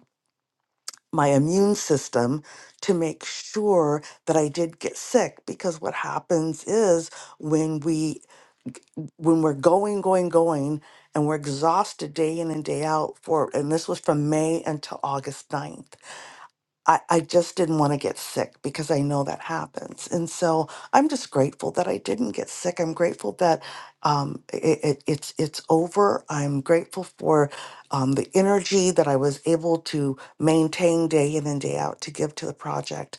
S10: my immune system to make sure that I did get sick because what happens is when we when we're going going going and we're exhausted day in and day out for and this was from May until August ninth. I, I just didn't want to get sick because I know that happens. And so I'm just grateful that I didn't get sick. I'm grateful that um, it, it, it's, it's over. I'm grateful for um, the energy that I was able to maintain day in and day out to give to the project.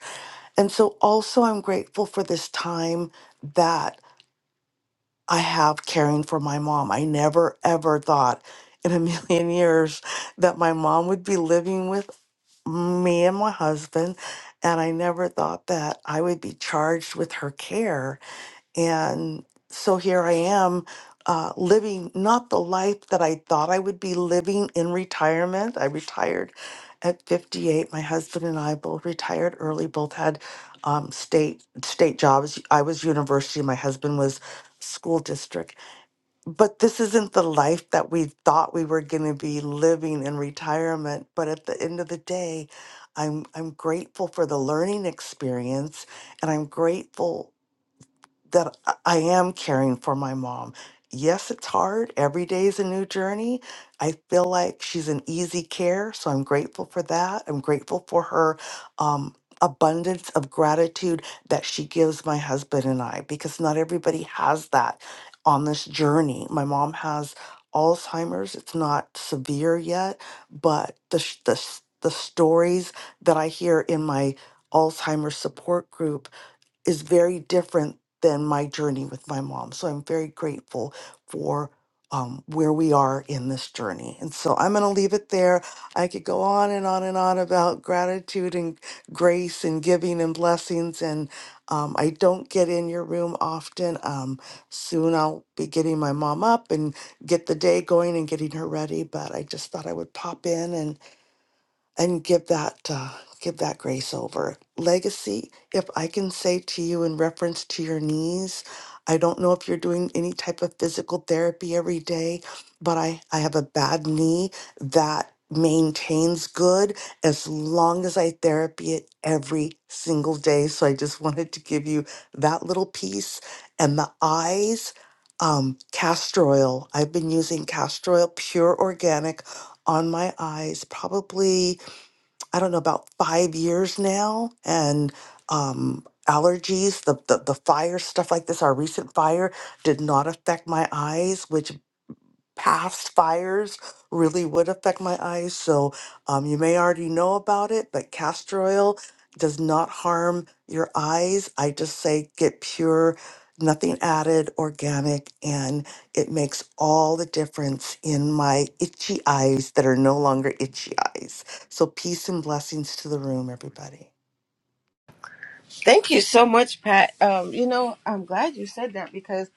S10: And so also I'm grateful for this time that I have caring for my mom. I never, ever thought in a [LAUGHS] million years that my mom would be living with me and my husband and i never thought that i would be charged with her care and so here i am uh, living not the life that i thought i would be living in retirement i retired at 58 my husband and i both retired early both had um, state state jobs i was university my husband was school district but this isn't the life that we thought we were going to be living in retirement but at the end of the day i'm i'm grateful for the learning experience and i'm grateful that I I am caring for my mom. Yes, it's hard. Every day is a new journey. I feel like she's an easy care, so I'm grateful for that. I'm grateful for her um, abundance of gratitude that she gives my husband and I because not everybody has that on this journey. My mom has Alzheimer's. It's not severe yet, but the sh- the s- the stories that I hear in my Alzheimer's support group is very different than my journey with my mom. So I'm very grateful for um, where we are in this journey. And so I'm going to leave it there. I could go on and on and on about gratitude and grace and giving and blessings. And um, I don't get in your room often. Um, soon I'll be getting my mom up and get the day going and getting her ready. But I just thought I would pop in and give that uh, give that grace over legacy if i can say to you in reference to your knees i don't know if you're doing any type of physical therapy every day but i i have a bad knee that maintains good as long as i therapy it every single day so i just [LAUGHS] wanted to give you that little piece and the eyes um castor oil i've been using castor oil pure organic on my eyes probably I don't know, about five years now. And um, allergies, the, the, the fire, stuff like this, our recent fire did not affect my eyes, which past fires really would affect my eyes. So um, you may already know about it, but castor oil does not harm your eyes. I just say get pure, nothing added, organic, and it makes all the difference in my itchy eyes that are no longer itchy eyes. So peace and blessings to the room, everybody.
S4: Thank you so much, Pat. Um, you know, I'm glad you said that because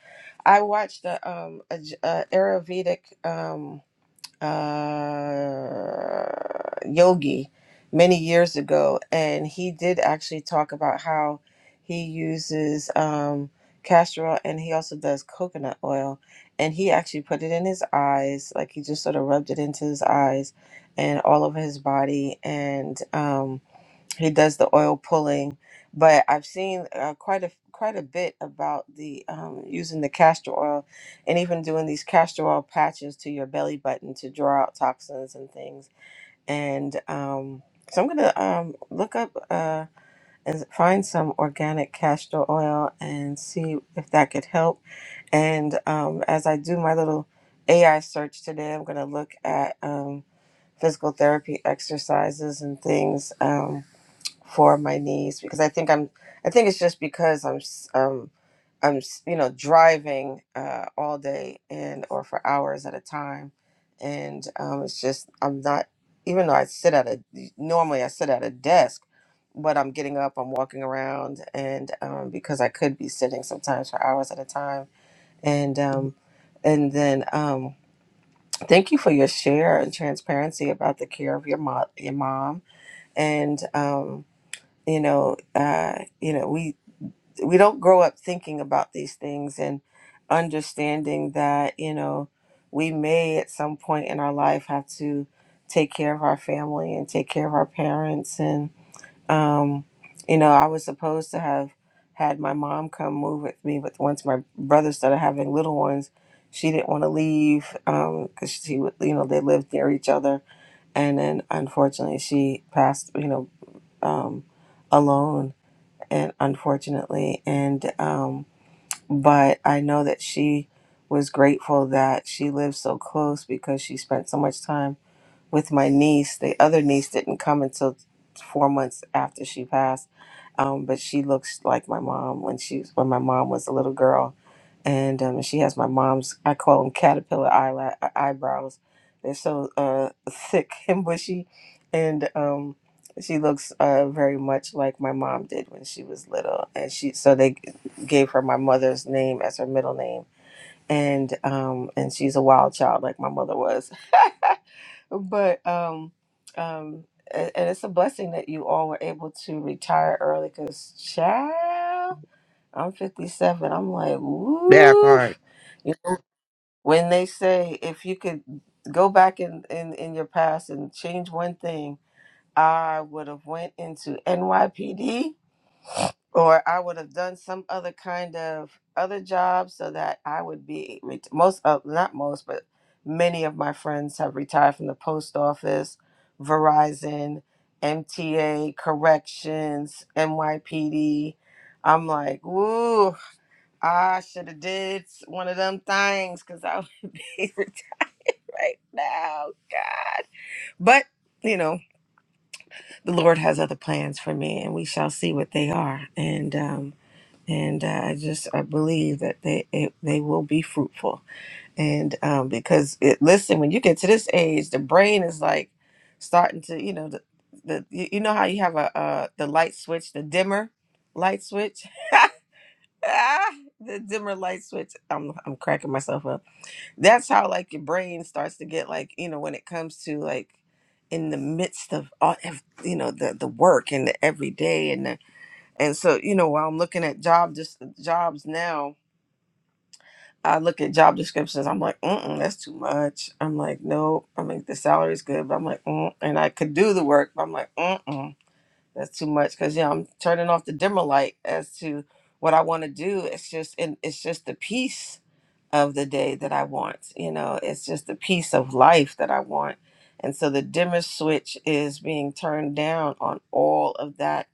S4: I watched a um a, J- a Ayurvedic um uh yogi many years ago, and he did actually talk about how he uses um castor oil and he also does coconut oil, and he actually put it in his eyes, like he just sort of rubbed it into his eyes and all over his body, and um he does the oil pulling but i've seen uh, quite a quite a bit about the um, using the castor oil and even doing these castor oil patches to your belly button to draw out toxins and things and um, so i'm gonna um, look up uh, and find some organic castor oil and see if that could help and um, as i do my little ai search today i'm gonna look at um, physical therapy exercises and things Um, for my knees because I think I'm I think it's just because I'm s- um I'm s- you know driving uh all day and or for hours at a time and um it's just I'm not even though I sit at a normally I sit at a desk but I'm getting up I'm walking around and um because I could be sitting sometimes for hours at a time and um and then um thank you for your share and transparency about the care of your mom your mom and um you know uh you know we we don't grow up thinking about these things and understanding that you know we may at some point in our life have to take care of our family and take care of our parents and um you know i was supposed to have had my mom come move with me but once my brother started having little ones she didn't want to leave um because she would you know they lived near each other and then unfortunately she passed you know um alone and unfortunately and um but i know that she was grateful that she lived so close because she spent so much time with my niece. The other niece didn't come until four months after she passed, um, but she looks like my mom when she when my mom was a little girl, and um, she has my mom's I call them caterpillar eyela- e-, eyebrows. They're so uh, [LAUGHS] thick and bushy, and um, she looks uh, very much like my mom did when she was little. And she so they gave her my mother's name as her middle name, and um, and she's a wild child like my mother was but um, um, a- and it's a blessing that you all were able to retire early, cause child, I'm 57. I'm like,
S11: That
S4: woo.
S11: part.
S4: You know, when they say if you could go back in in in your past and change one thing, I would have went into NYPD or I would have done some other kind of other job so that I would be ret- most of not most but many of my friends have retired from the post office, Verizon, MTA, corrections, NYPD. I'm like, woo, I should have did s- one of them things because I would [LAUGHS] be retired right now. God. But, you know, the Lord has other plans for me and we shall see what they are. And um and uh, I just I believe that they it, they will be fruitful. And um, because it, listen, when you get to this age, the brain is like starting to you know the, the you you know how you have a uh, the light switch, the dimmer light switch. [LAUGHS] Ah, the dimmer light switch i'm i'm cracking myself up that's how like your brain starts to get like you know when it comes to like in the midst of all of, you know the the work and the everyday and. And so, you know, while I'm looking at job dis- jobs now, I look at job descriptions. I'm like, mm, that's too much. I'm like, no. I mean, the salary's good, but I'm like, mm, and I could do the work, but I'm like, mm, that's too much because yeah, I'm turning off the dimmer light as to what I want to do. It's just, and it's just the peace of the day that I want. You know, it's just the peace of life that I want. And so the dimmer switch is being turned down on all of that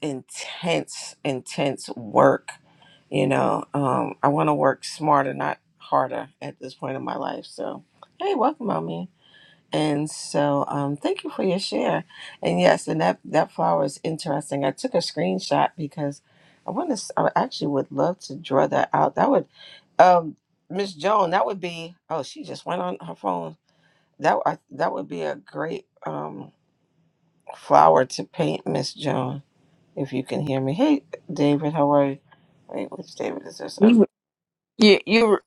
S4: intense, intense work. You know, um, I want to work smarter, not harder at this point in my life. So, hey, welcome, on me. And so, um, thank you for your share. And yes, and that, that flower is interesting. I took a screenshot because I want to, I actually would love to draw that out. That would, um, Miss Joan, that would be, oh, she just went on her phone. That, I, that would be a great, um, flower to paint, Miss Joan if you can hear me. Hey, David, how are you? Wait, which David is this? Okay.
S1: you you you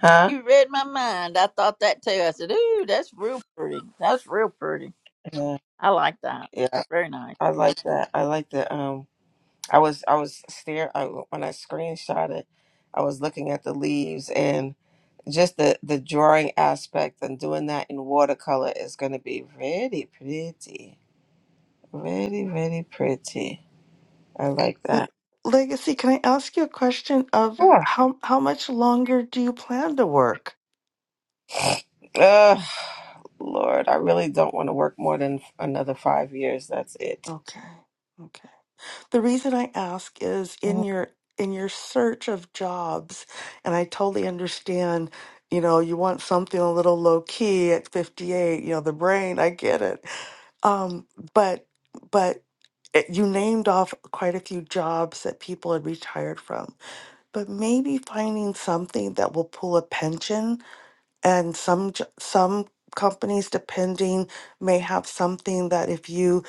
S4: Huh?
S1: You read my mind. I thought that too. I said, "Ooh, that's real pretty. That's real pretty.
S4: Yeah.
S1: I like that.
S4: Yeah.
S1: Very nice.
S4: I like that. I like that. Um, I was, I was stare. I, when I screenshot it, I was looking at the leaves and just the, the drawing aspect and doing that in watercolor is going to be really pretty. Really, really pretty. I like
S10: L-
S4: that.
S10: Legacy, can I ask you a question of
S4: Yeah.
S10: how how much longer do you plan to work?
S4: Ugh, Lord, I really don't want to work more than another five years. That's it.
S10: Okay. The reason I ask is in your in your search of jobs, and I totally understand, you know, you want something a little low key at 58, you know, the brain, I get it. Um, but but it, you named off quite a few jobs that people had retired from. But maybe finding something that will pull a pension and some j- some companies depending may have something that if you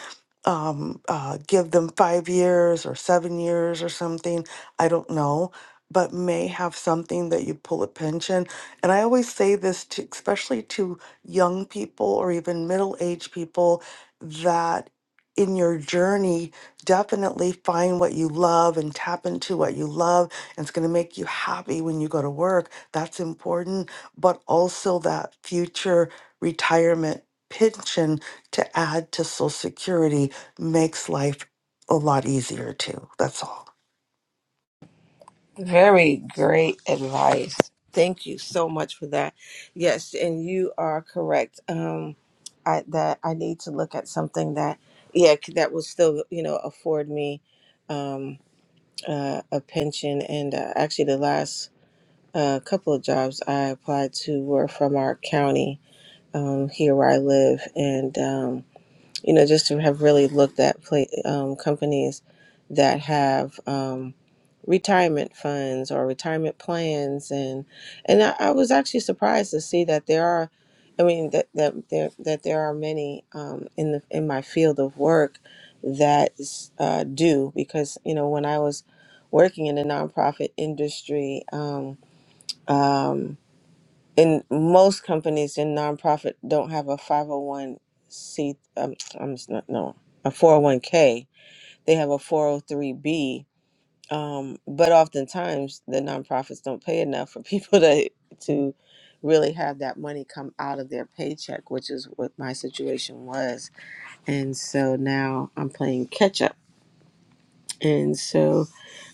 S10: um, uh, give them five years or seven years or something i don't know but may have something that you pull a pension and i always say this to especially to young people or even middle-aged people that in your journey definitely find what you love and tap into what you love and it's going to make you happy when you go to work that's important but also that future retirement pension to add to Social Security makes life a lot easier too. That's all.
S4: Very great advice. Thank you so much for that. Yes, and you are correct. Um, I that I need to look at something that, yeah, c- that will still you know afford me um, uh, a pension. And uh, actually, the last uh, couple of jobs I applied to were from our county um, here where I live, and. Um, you know, just to have really looked at pla um, companies that have um, retirement funds or retirement plans, and and I, I was actually surprised to see that there are, I mean, that that there that there are many um, in the in my field of work that uh, do because you know when I was working in the nonprofit industry. Um, um, and most companies in nonprofit don't have a 501c um, i'm just not no a 401k they have a 403b um, but oftentimes the nonprofits don't pay enough for [LAUGHS] people to to really have that money come out of their paycheck which is what my situation was and so now i'm playing catch up and so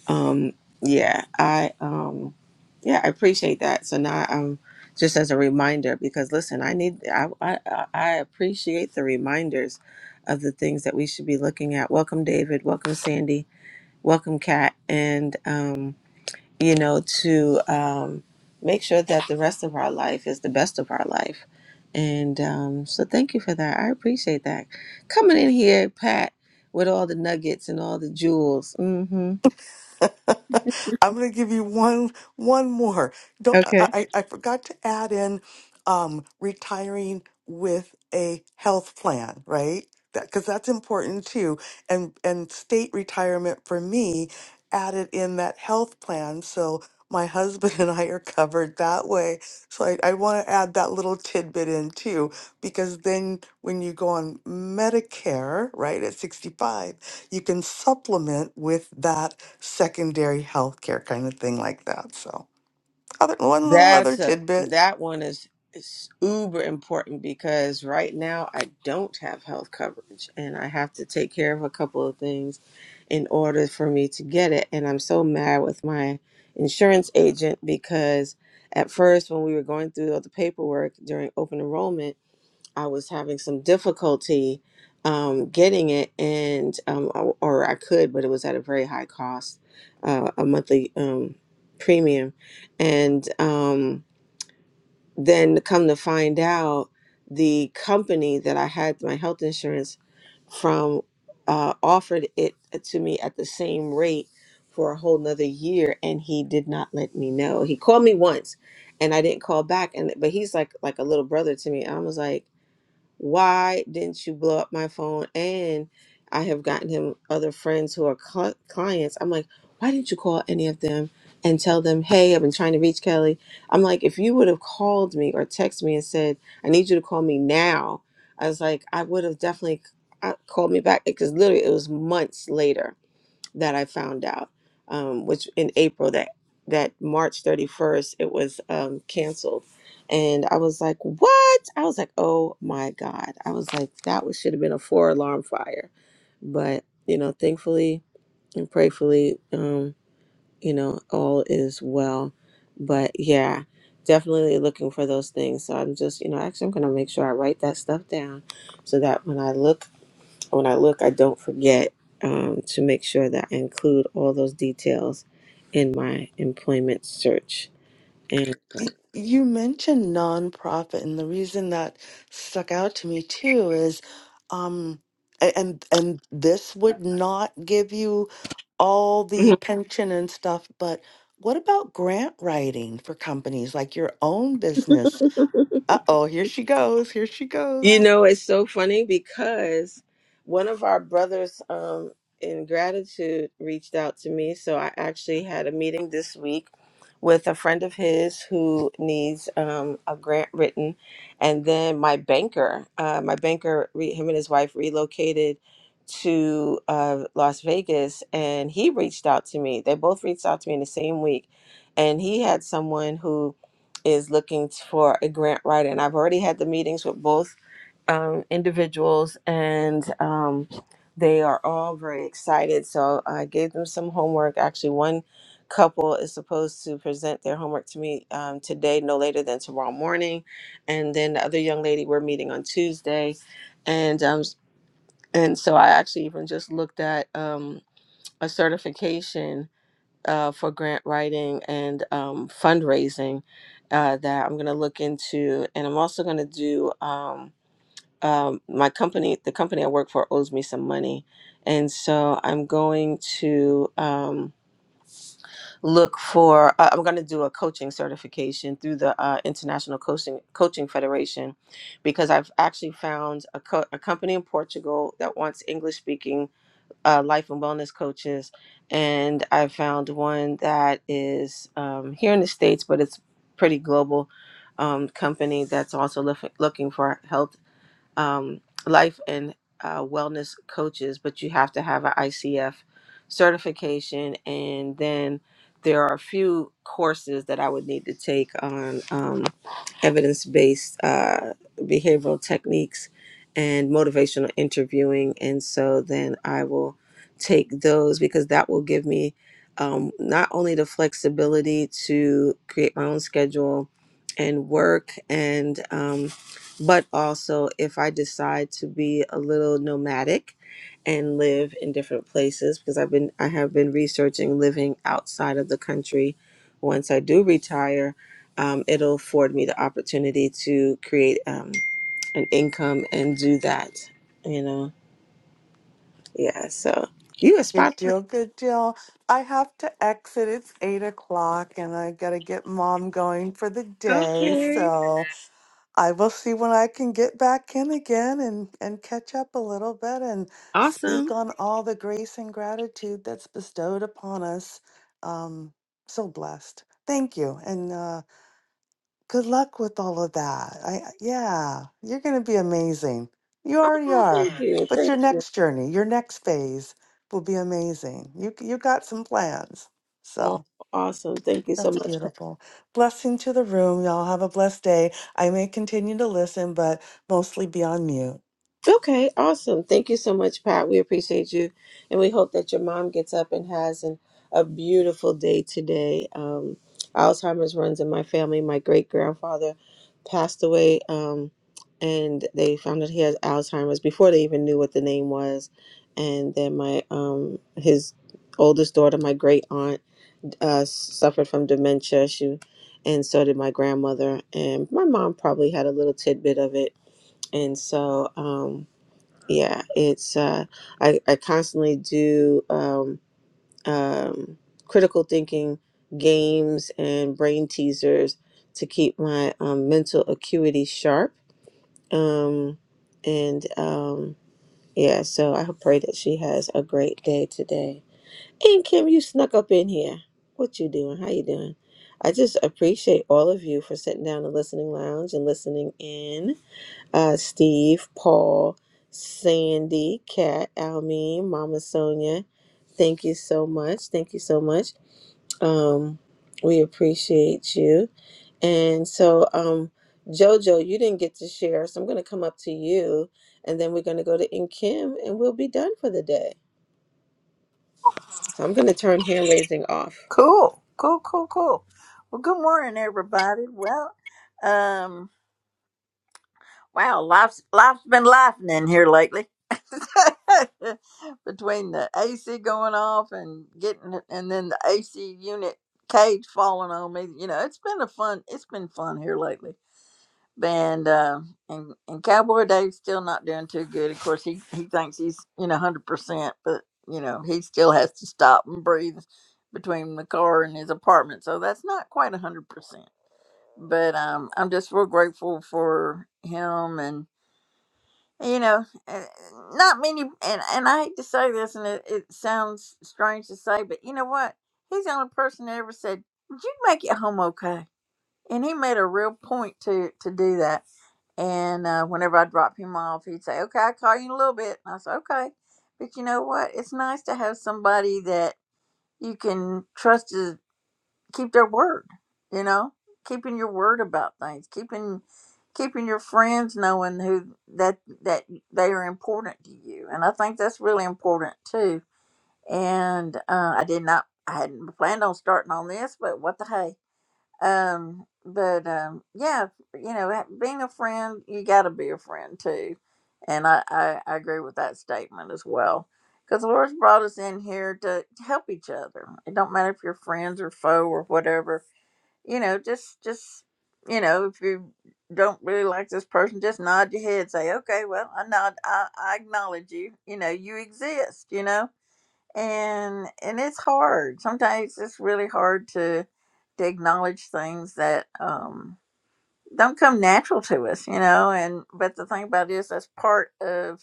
S4: um yeah i um yeah i appreciate that so now i'm just as a reminder because listen i need i i, I appreciate the reminders of the things that we should be looking at welcome david welcome sandy welcome kat and um you know to um make sure that the rest of our life is the best of our life and um so thank you for that i appreciate that coming in here pat with all the nuggets and all the jewels mm-hmm
S10: [LAUGHS] I'm going to give you one one more. Don't I,
S4: okay
S10: I I forgot to add in um, retiring with a health plan, right? That because that's important too. And and state retirement for me added in that health plan, so my husband [LAUGHS] and I are covered that way. So I, I want to add that little tidbit in too, because then when you go on Medicare, right at 65, you can supplement with that secondary healthcare kind of thing like that. So, other one little other
S4: That's a
S10: tidbit.
S4: that one is, is uber important because right now I don't have health coverage and I have to take care of a couple of things in order for me to get it and I'm so mad with my insurance agent because at first when we were going through all the paperwork during open enrollment I was having some difficulty um, getting it, and um, or or I could, but it was at a very high cost, uh, a monthly um, premium, and um, then come to find out, the company that I had my health insurance from uh, offered it to me at the same rate for a whole nother year, and he did not let me know. He called me once, and I didn't call back, and but he's like like a little brother to me. I was like why didn't you blow up my phone? And I have gotten him other friends who are cl- clients. I'm like, why didn't you call any of them and tell them, hey, I've been trying to reach Kelly? I'm like, if you would have called me or texted me and said, I need you to call me now, I was like, I would have definitely uh, called me back because literally it was months later that I found out, um, which in April that that March 31st it was um, canceled, and I was like, "What?" I was like, "Oh my God!" I was like, "That was, should have been a four alarm fire," but you know, thankfully and prayfully, um, you know, all is well. But yeah, definitely looking for those things. So I'm just, you know, actually, I'm gonna make sure I write that stuff down, so that when I look when I look, I don't forget um, to make sure that I include all those details in my employment search. And
S10: Y- You mentioned nonprofit, and the reason that stuck out to me too is, um, a- and and this would not give you all the pension and stuff, but what about grant writing for companies like your own business? Uh-oh, here she goes, here she goes.
S4: You know, it's so funny because one of our brothers um, in gratitude reached out to me. So I actually had a meeting this week with a friend of his who needs um, a grant written. And then my banker, uh, my banker, re- him and his wife relocated to uh, Las Vegas and he reached out to me. They both reached out to me in the same week. And he had someone who is looking for a grant writer. And I've already had the meetings with both um, individuals, and um, they are all very excited. So I gave them some homework. Actually, one couple is supposed to present their homework to me um, today, no later than tomorrow morning, and then the other young lady we're meeting on Tuesday, and um, and so I actually even just looked at um, a certification. Uh, for grant writing and um, fundraising uh, that I'm going to look into, and I'm also going to do. Um, um, my company, the company I work for, owes me some money, and so I'm going to um, look for. Uh, I'm going to do a coaching certification through the uh, International Coaching Coaching Federation, because I've actually found a, co- a company in Portugal that wants English speaking uh, life and wellness coaches, and I found one that is um, here in the states, but it's pretty global um, company that's also look- looking for health um, life and uh, wellness coaches, but you have to have an ICF certification. And then there are a few courses that I would need to take on um, evidence based uh, behavioral techniques and motivational interviewing. And so then I will take those because that will give me um, not only the flexibility to create my own schedule and work and. Um, but also if I decide to be a little nomadic and live in different places because I've been I have been researching living outside of the country. Once I do retire, um, it'll afford me the opportunity to create um, an income and do that. You know, yeah. So you a
S10: Good
S4: spot. on. it.
S10: deal, good deal. I have to exit. It's eight o'clock and I gotta get mom going for the day.
S4: Okay,
S10: So I will see when I can get back in again and, and catch up a little bit and speak
S4: awesome.
S10: on all the grace and gratitude that's bestowed upon us. Um, so blessed. Thank you. And uh, Good luck with all of that. I yeah, you're going to be amazing. You already
S4: Oh,
S10: are.
S4: thank you,
S10: But your
S4: thank you.
S10: next journey, your next phase will be amazing. You you got some plans.
S4: Oh,
S10: So,
S4: awesome. Thank you so
S10: that's
S4: much,
S10: beautiful. Blessing to the room. Y'all have a blessed day. I may continue to listen, but mostly be on mute.
S4: Okay, awesome. Thank you so much, Pat. We appreciate you. And we hope that your mom gets up and has an, a beautiful day today. Um, Alzheimer's runs in my family. My great grandfather passed away, um, and they found that he had Alzheimer's before they even knew what the name was. And then my um, his oldest daughter, my great aunt, uh, suffered from dementia. She and so did my grandmother, and my mom probably had a little tidbit of it. And so, um, yeah it's uh i i constantly do um um critical thinking games and brain teasers to keep my um, mental acuity sharp um and um yeah so i pray that she has a great day today and kim you snuck up in here what you doing how you doing i just appreciate all of you for sitting down in the listening lounge and listening in uh, Steve, Paul, Sandy, Kat, Almeen, Mama Sonia. Thank you so much. Thank you so much. Um, we appreciate you. And so, um, Jojo, you didn't get to share, so I'm going to come up to you, and then we're going to go to In Kim, and we'll be done for the day. So I'm going to turn hand raising off.
S1: Cool. Cool. Cool. Cool. Well, good morning, everybody. Well, um, wow, life's life's been laughing in here lately. [LAUGHS] Between the AC going off and getting, and then the AC unit cage falling on me, you know, it's been a fun. It's been fun here lately. and uh and and cowboy dave's still not doing too good of course he he thinks he's you know 100% but you know he still has to stop and breathe between the car and his apartment so that's not quite 100% but um i'm just real grateful for him and you know eh, not many and and i hate to say this and it, it sounds strange to say but you know what he's the only person that ever said did you make it home okay and he made a real point to to do that and uh, whenever I drop him off, he'd say, "Okay, I'll call you in a little bit." And I said, "Okay," but you know what? It's nice to have somebody that you can trust to keep their word. You know, keeping your word about things, keeping keeping your friends knowing who that that they are important to you, and I think that's really important too. And uh, I did not, I hadn't planned on starting on this, but what the hey um but um yeah you know ha- being a friend you got to be a friend too and I, I i agree with that statement as well because the lord's brought us in here to help each other it don't matter if you're friends or foe or whatever you know just just you know if you don't really like this person just nod your head say okay well i nod i, I acknowledge you you know you exist you know and and it's hard sometimes it's really hard to to acknowledge things that um don't come natural to us you know and but the thing about it is that's part of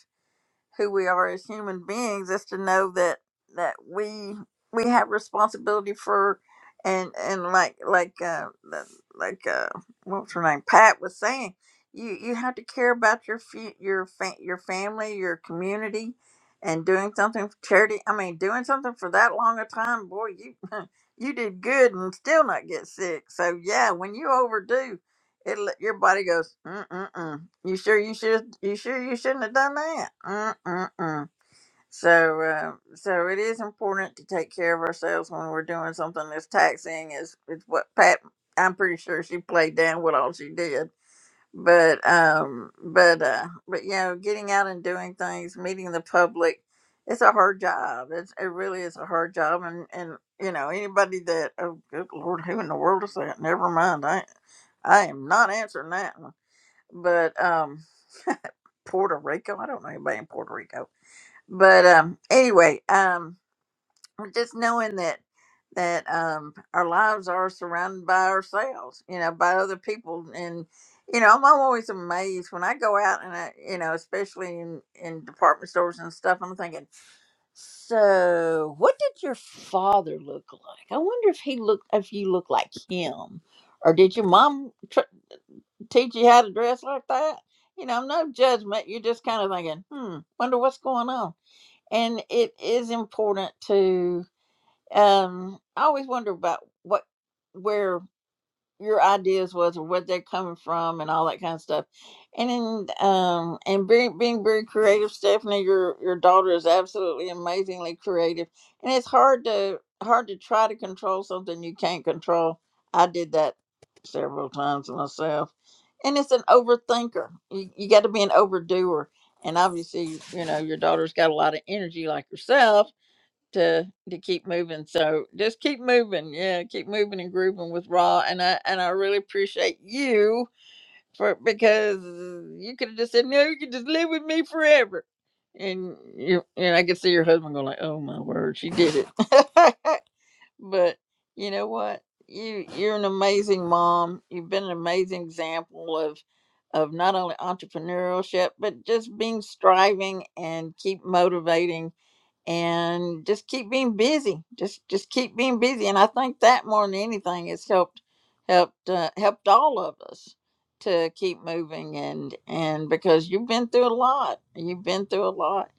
S1: who we are as human beings is to know that that we we have responsibility for and and like like uh the- like uh what's her name Pat was saying you you have to care about your fu- your fa- your family your community and doing something for charity I mean doing something for that long a time boy you [LAUGHS] you did good and still not get sick so yeah when you overdo it l- your body goes Mm-mm-mm. You sure you should? You sure you shouldn't have done that? Mm-mm-mm. So, uh, so it is important to take care of ourselves when we're doing something that's taxing. Is is what Pat? I'm pretty sure she played down what all she did. But, um, but, uh, but you know, getting out and doing things, meeting the public, it's a hard job. It's it really is a hard job. And and you know, anybody that oh good lord, who in the world is that? Never mind. I I am not answering that one. But um. Puerto Rico. I don't know anybody in Puerto Rico. But um, anyway, um, just knowing that that um, our lives are surrounded by ourselves, you know, by other people, and you know, I'm always amazed when I go out and I, you know, especially in in department stores and stuff. I'm thinking, so what did your father look like? I wonder if he looked if you look like him, or did your mom? teach you how to dress like that. You know, no judgment. You're just kind of thinking, hmm, wonder what's going on. And it is important to um I always wonder about what where your ideas was or where they're coming from and all that kind of stuff. And in, um and being being very creative, Stephanie, your your daughter is absolutely amazingly creative. And it's hard to hard to try to control something you can't control. I did that several times myself. And it's an overthinker. You you gotta be an overdoer. And obviously, you know, your daughter's got a lot of energy like yourself to to keep moving. So just keep moving. Yeah, keep moving and grooving with Raw. And I and I really appreciate you for because you could have just said, No, you could just live with me forever. And you and I could see your husband going like, Oh my word, she did it. [LAUGHS] but you know what? You you're an amazing mom. You've been an amazing example of of not only entrepreneurship, but just being striving and keep motivating and just keep being busy. Just just keep being busy, and I think that more than anything has helped helped uh, helped all of us to keep moving and and because you've been through a lot, you've been through a lot,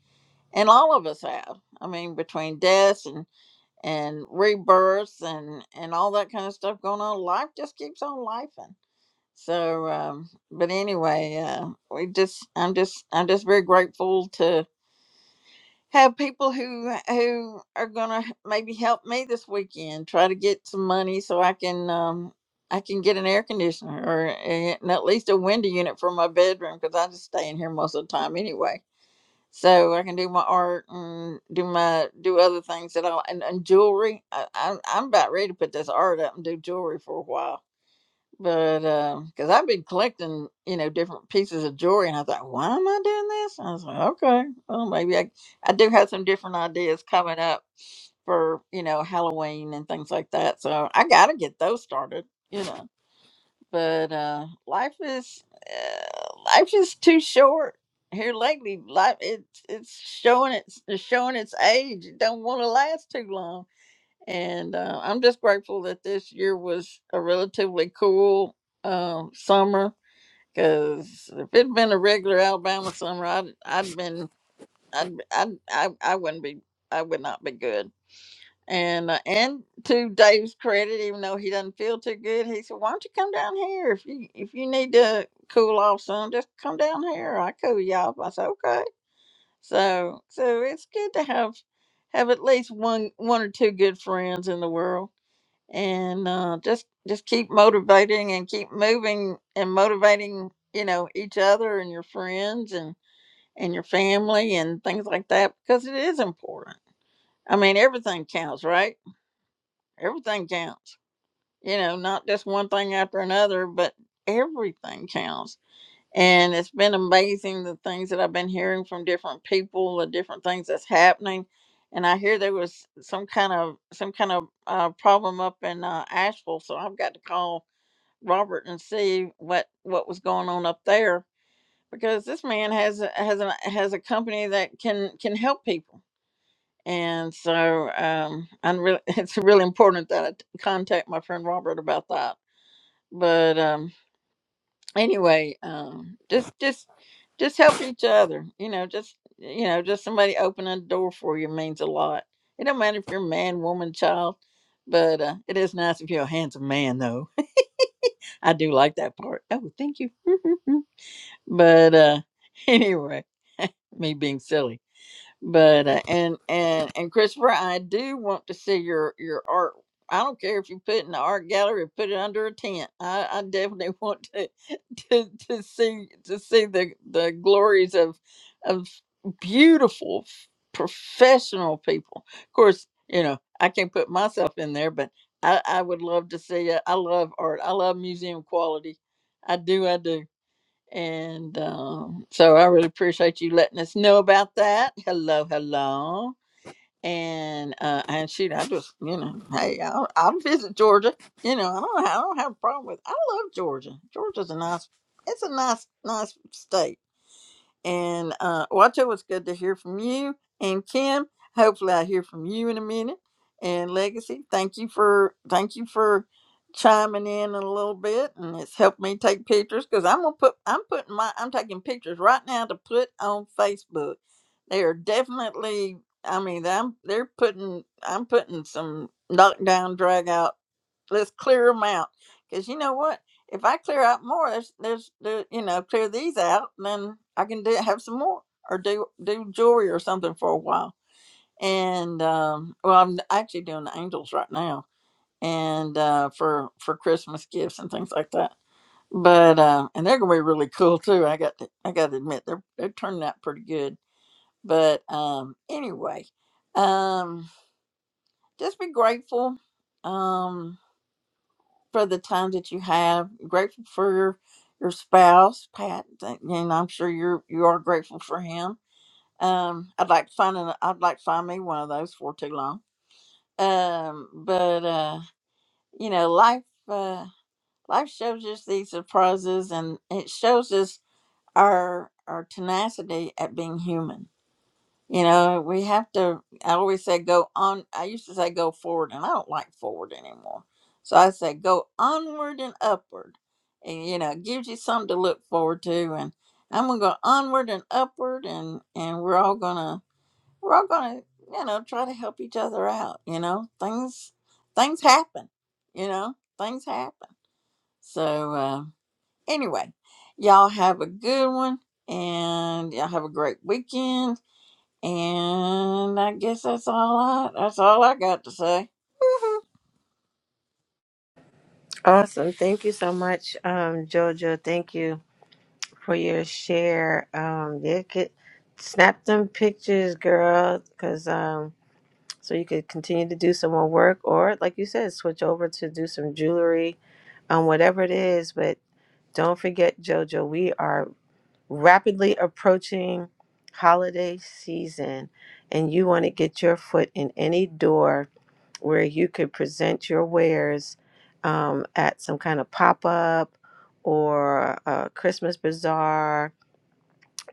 S1: and all of us have. I mean, between deaths and and rebirths and and all that kind of stuff going on, life just keeps on lifing. So, um, but anyway, uh, we just I'm just I'm just very grateful to have people who who are gonna maybe help me this weekend try to get some money so i can um i can get an air conditioner or a- and at least a window unit for my bedroom because i just stay in here most of the time anyway so i can do my art and do my do other things that i and, and jewelry I, I, i'm about ready to put this art up and do jewelry for a while but because I've been collecting, you know, different pieces of jewelry, and I thought, why am I doing this? I was like, okay, well, maybe I, I do have some different ideas coming up for you know Halloween and things like that. So I got to get those started, you know. But uh, life is uh, life is too short here lately. Life it's it's showing its it's showing its age. It don't want to last too long and uh, I'm just grateful that this year was a relatively cool um, summer. Because if it'd been a regular Alabama summer, I'd I'd been I'd, I'd I I wouldn't be I would not be good. And uh, and to Dave's credit, even though he doesn't feel too good, he said, "Why don't you come down here if you if you need to cool off some? Just come down here. I cool you off." I said, "Okay." So so it's good to have have at least one one or two good friends in the world and uh, just just keep motivating and keep moving and motivating you know each other and your friends and and your family and things like that because it is important i mean everything counts right everything counts you know not just one thing after another but everything counts and it's been amazing the things that i've been hearing from different people the different things that's happening and i hear there was some kind of some kind of uh, problem up in uh, asheville so i've got to call Robert and see what what was going on up there because this man has a- has a has a company that can can help people. And so um, I'm really, [LAUGHS] it's really important that I t- contact my friend Robert about that. But um, anyway, um, just just just help each other. You know, just you know, just somebody opening a door for you means a lot. It don't matter if you're a man, woman, child, but uh, it is nice if you're a handsome man, though. [LAUGHS] I do like that part. Oh, thank you. [LAUGHS] But uh [LAUGHS] anyway, me being silly. But uh, and and and Christopher, I do want to see your your art. I don't care if you put it in the art gallery or put it under a tent. I, I definitely want to, [LAUGHS] to to see to see the the glories of of beautiful professional people. Of course, you know, I can't put myself in there, but I, I would love to see it. I love art. I love museum quality. I do, I do. And um, so I really appreciate you letting us know about that. Hello, hello. And uh, and shoot, I just you know, hey, I'll, I'll visit Georgia. You know, I don't I don't have a problem with. I love Georgia. Georgia's a nice. It's a nice nice state and uh, Wacho, it's good to hear from you. And Kim, hopefully I hear from you in a minute. And Legacy, thank you for thank you for chiming in a little bit, and it's helped me take pictures because I'm gonna put I'm putting my I'm taking pictures right now to put on Facebook. They are definitely. I mean, I'm they're putting I'm putting some knockdown drag out let's clear them out because you know what if i clear out more there's there's there, you know clear these out then i can do have some more or do do jewelry or something for a while and um well i'm actually doing the angels right now and uh for for christmas gifts and things like that but uh and they're gonna be really cool too i got to i gotta admit they're they're turning out pretty good but um anyway um just be grateful um for the time that you have. Grateful for your your spouse, Pat, thank- and I'm sure you're you are grateful for him. Um, I'd like to find an, I'd like to find me one of those for too long. Um, but uh, you know, life uh, life shows us these surprises, and it shows us our our tenacity at being human you know, we have to. I always say go on. I used to say go forward, and I don't like forward anymore. So I say go onward and upward, and you know, it gives you something to look forward to. And I'm gonna go onward and upward, and and we're all gonna we're all gonna you know try to help each other out. You know, things things happen. You know, things happen. So uh, anyway, y'all have a good one, and y'all have a great weekend and I guess that's all I that's all I got to say.
S4: Awesome. Thank you so much, um, Jojo. Thank you. for your share. Um, yeah, get, snap them pictures, girl, because um, so you could continue to do some more work, or like you said, switch over to do some jewelry, um, whatever it is. But don't forget, JoJo, we are rapidly approaching holiday season, and you want to get your foot in any door where you could present your wares um, at some kind of pop up or a Christmas bazaar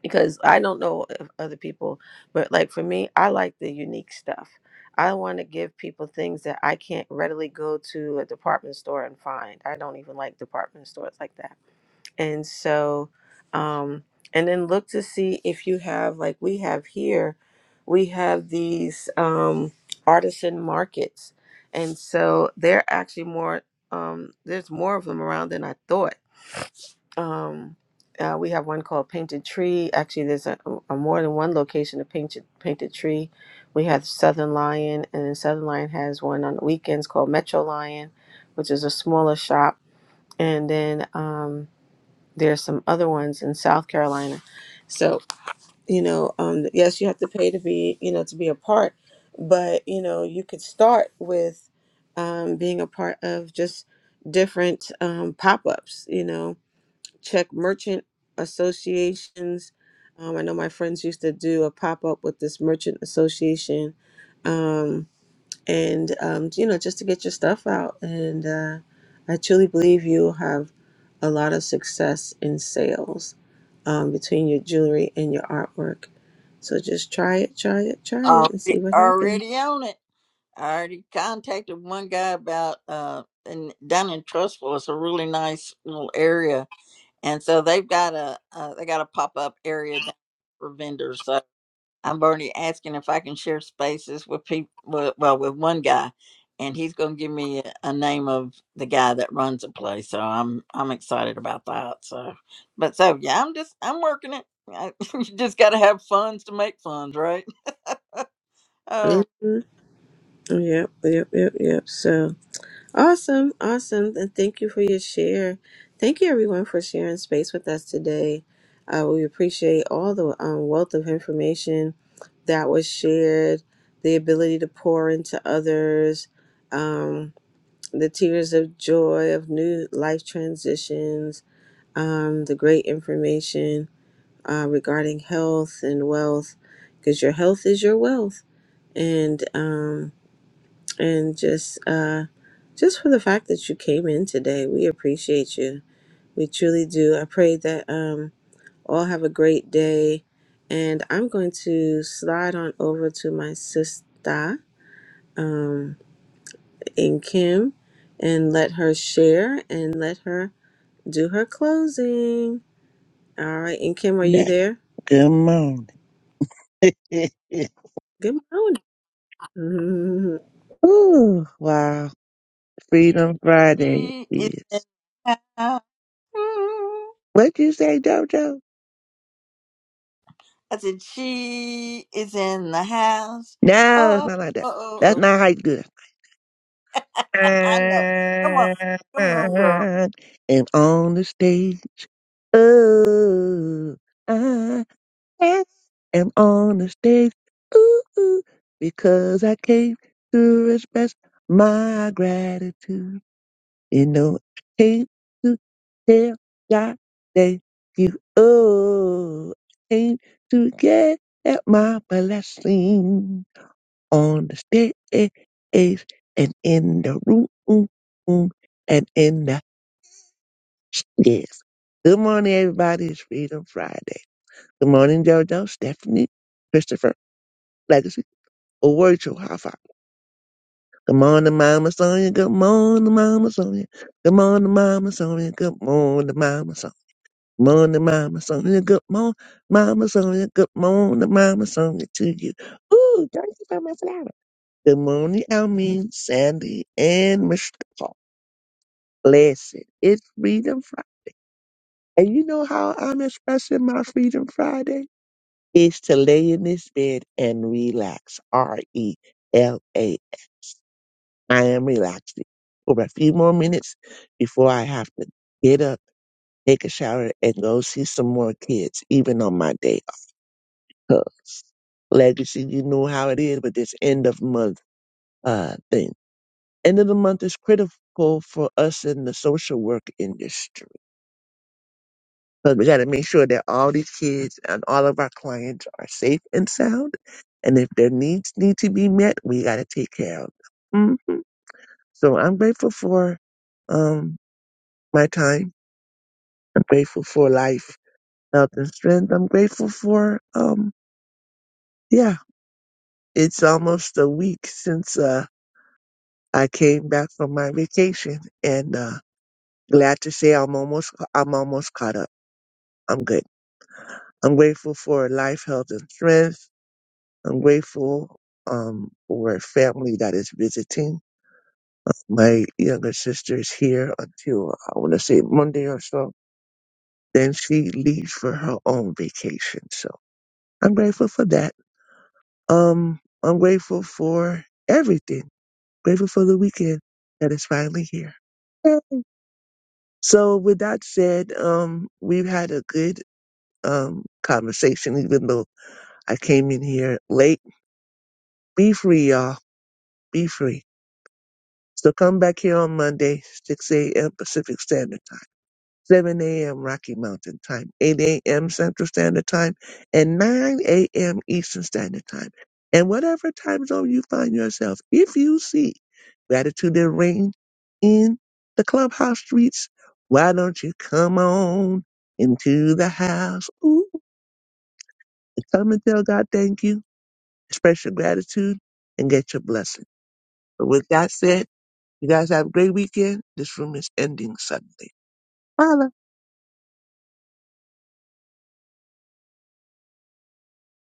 S4: because I don't know if other people, but like for me, I like the unique stuff. I want to give people things that I can't readily go to a department store and find. I don't even like department stores like that. And so, um, and then look to see if you have, like we have here, we have these um, artisan markets. And so they're actually more, um, there's more of them around than I thought um, uh, we have one called Painted Tree. Actually, there's a, a more than one location of Painted Painted Tree. We have Southern Lion, and then Southern Lion has one on the weekends called Metro Lion, which is a smaller shop. And then um, there's some other ones in South Carolina. So you know, um, yes, you have to pay to be you know to be a part, but you know you could start with um, being a part of just different um, pop ups. You know check merchant associations. Um, I know my friends used to do a pop up with this merchant association, um, and um, you know, just to get your stuff out. And uh, I truly believe you'll have a lot of success in sales um, between your jewelry and your artwork. So just try it, try it, try it, and see
S1: Already
S4: what happens.
S1: already on it. I already contacted one guy about uh and down in Trustful it's a really nice little area. And so they've got a uh, they got a pop up area down for vendors. So i am already asking if I can share spaces with people. Well, well, with one guy, and he's going to give me a, a name of the guy that runs the place. So I'm I'm excited about that. So, but so yeah, I'm just I'm working it. I, [LAUGHS] you just got to have funds to make funds, right? Oh,
S4: hmm Yep, yep, yep, yep. So. Awesome, awesome. And thank you for your share. Thank you, everyone, for sharing space with us today. Uh, we appreciate all the um, wealth of information that was shared, the ability to pour into others, um, the tears of joy of new life transitions, um, the great information uh, regarding health and wealth, because your health is your wealth. And um, and just uh just for the fact that you came in today we appreciate you we truly do i pray that um all have a great day and i'm going to slide on over to my sister um in kim and let her share and let her do her closing all right and kim are you
S11: Now,
S4: there
S11: good morning. [LAUGHS]
S4: good morning [LAUGHS]
S11: Ooh, wow. Freedom Friday
S1: she is in
S11: is.
S1: the house.
S11: what you say, JoJo?
S1: I said she is in the house.
S11: No, it's
S1: Oh,
S11: not like that.
S1: oh,
S11: That's
S1: oh,
S11: not how you do it.
S1: oh. [LAUGHS] I know. Come on, come on, girl.
S11: [LAUGHS] And on the stage. Ooh, I am on the stage. Ooh, ooh, because I came to express my gratitude. You know, can't you tell God that you owe? Can't you get at my blessing on the stage and in the room and in the stairs? Good morning, everybody. It's Freedom Friday. Good morning, JoJo, Stephanie, Christopher, Legacy, or Word Show, how far? Good morning, Mama Sonia. Good morning, Mama Sonia. Good morning, Mama Sonia. Good morning, Mama Sonia. Morning, Mama Sonia. Good morning, Mama Sonia. Good morning, Mama Sonia to you. Ooh, thank you for my flower. Good morning, Almin, Sandy, and Mustafa. Bless It's Freedom Friday. And you know how I'm expressing my Freedom Friday? It's to lay in this bed and relax. R E L A. I am relaxing for a few more minutes before I have to get up, take a shower, and go see some more kids, even on my day. Cause legacy, you know how it is with this end of month uh thing. End of the month is critical for us in the social work industry. Because we gotta make sure that all these kids and all of our clients are safe and sound. And if their needs need to be met, we gotta take care of them. hmm So I'm grateful for um my time. I'm grateful for life, health and strength. I'm grateful for um yeah. It's almost a week since uh I came back from my vacation and uh, glad to say I'm almost I'm almost caught up. I'm good. I'm grateful for life, health, and strength. I'm grateful um, for a family that is visiting. My younger sister is here until I want to say Monday or so. Then she leaves for her own vacation. So I'm grateful for that. Um, I'm grateful for everything. Grateful for the weekend that is finally here. So with that said, um, we've had a good um conversation, even though I came in here late. Be free, y'all. Be free. So come back here on Monday, 6 a.m. Pacific Standard Time. 7 a.m. Rocky Mountain Time, 8 a.m. Central Standard Time, and 9 a.m. Eastern Standard Time. And whatever time zone you find yourself, if you see gratitude and rain in the clubhouse streets, why don't you come on into the house? Ooh, and come and tell God thank you, express your gratitude, and get your blessing. But with that said, you guys have a great weekend. This room is ending suddenly. Bye.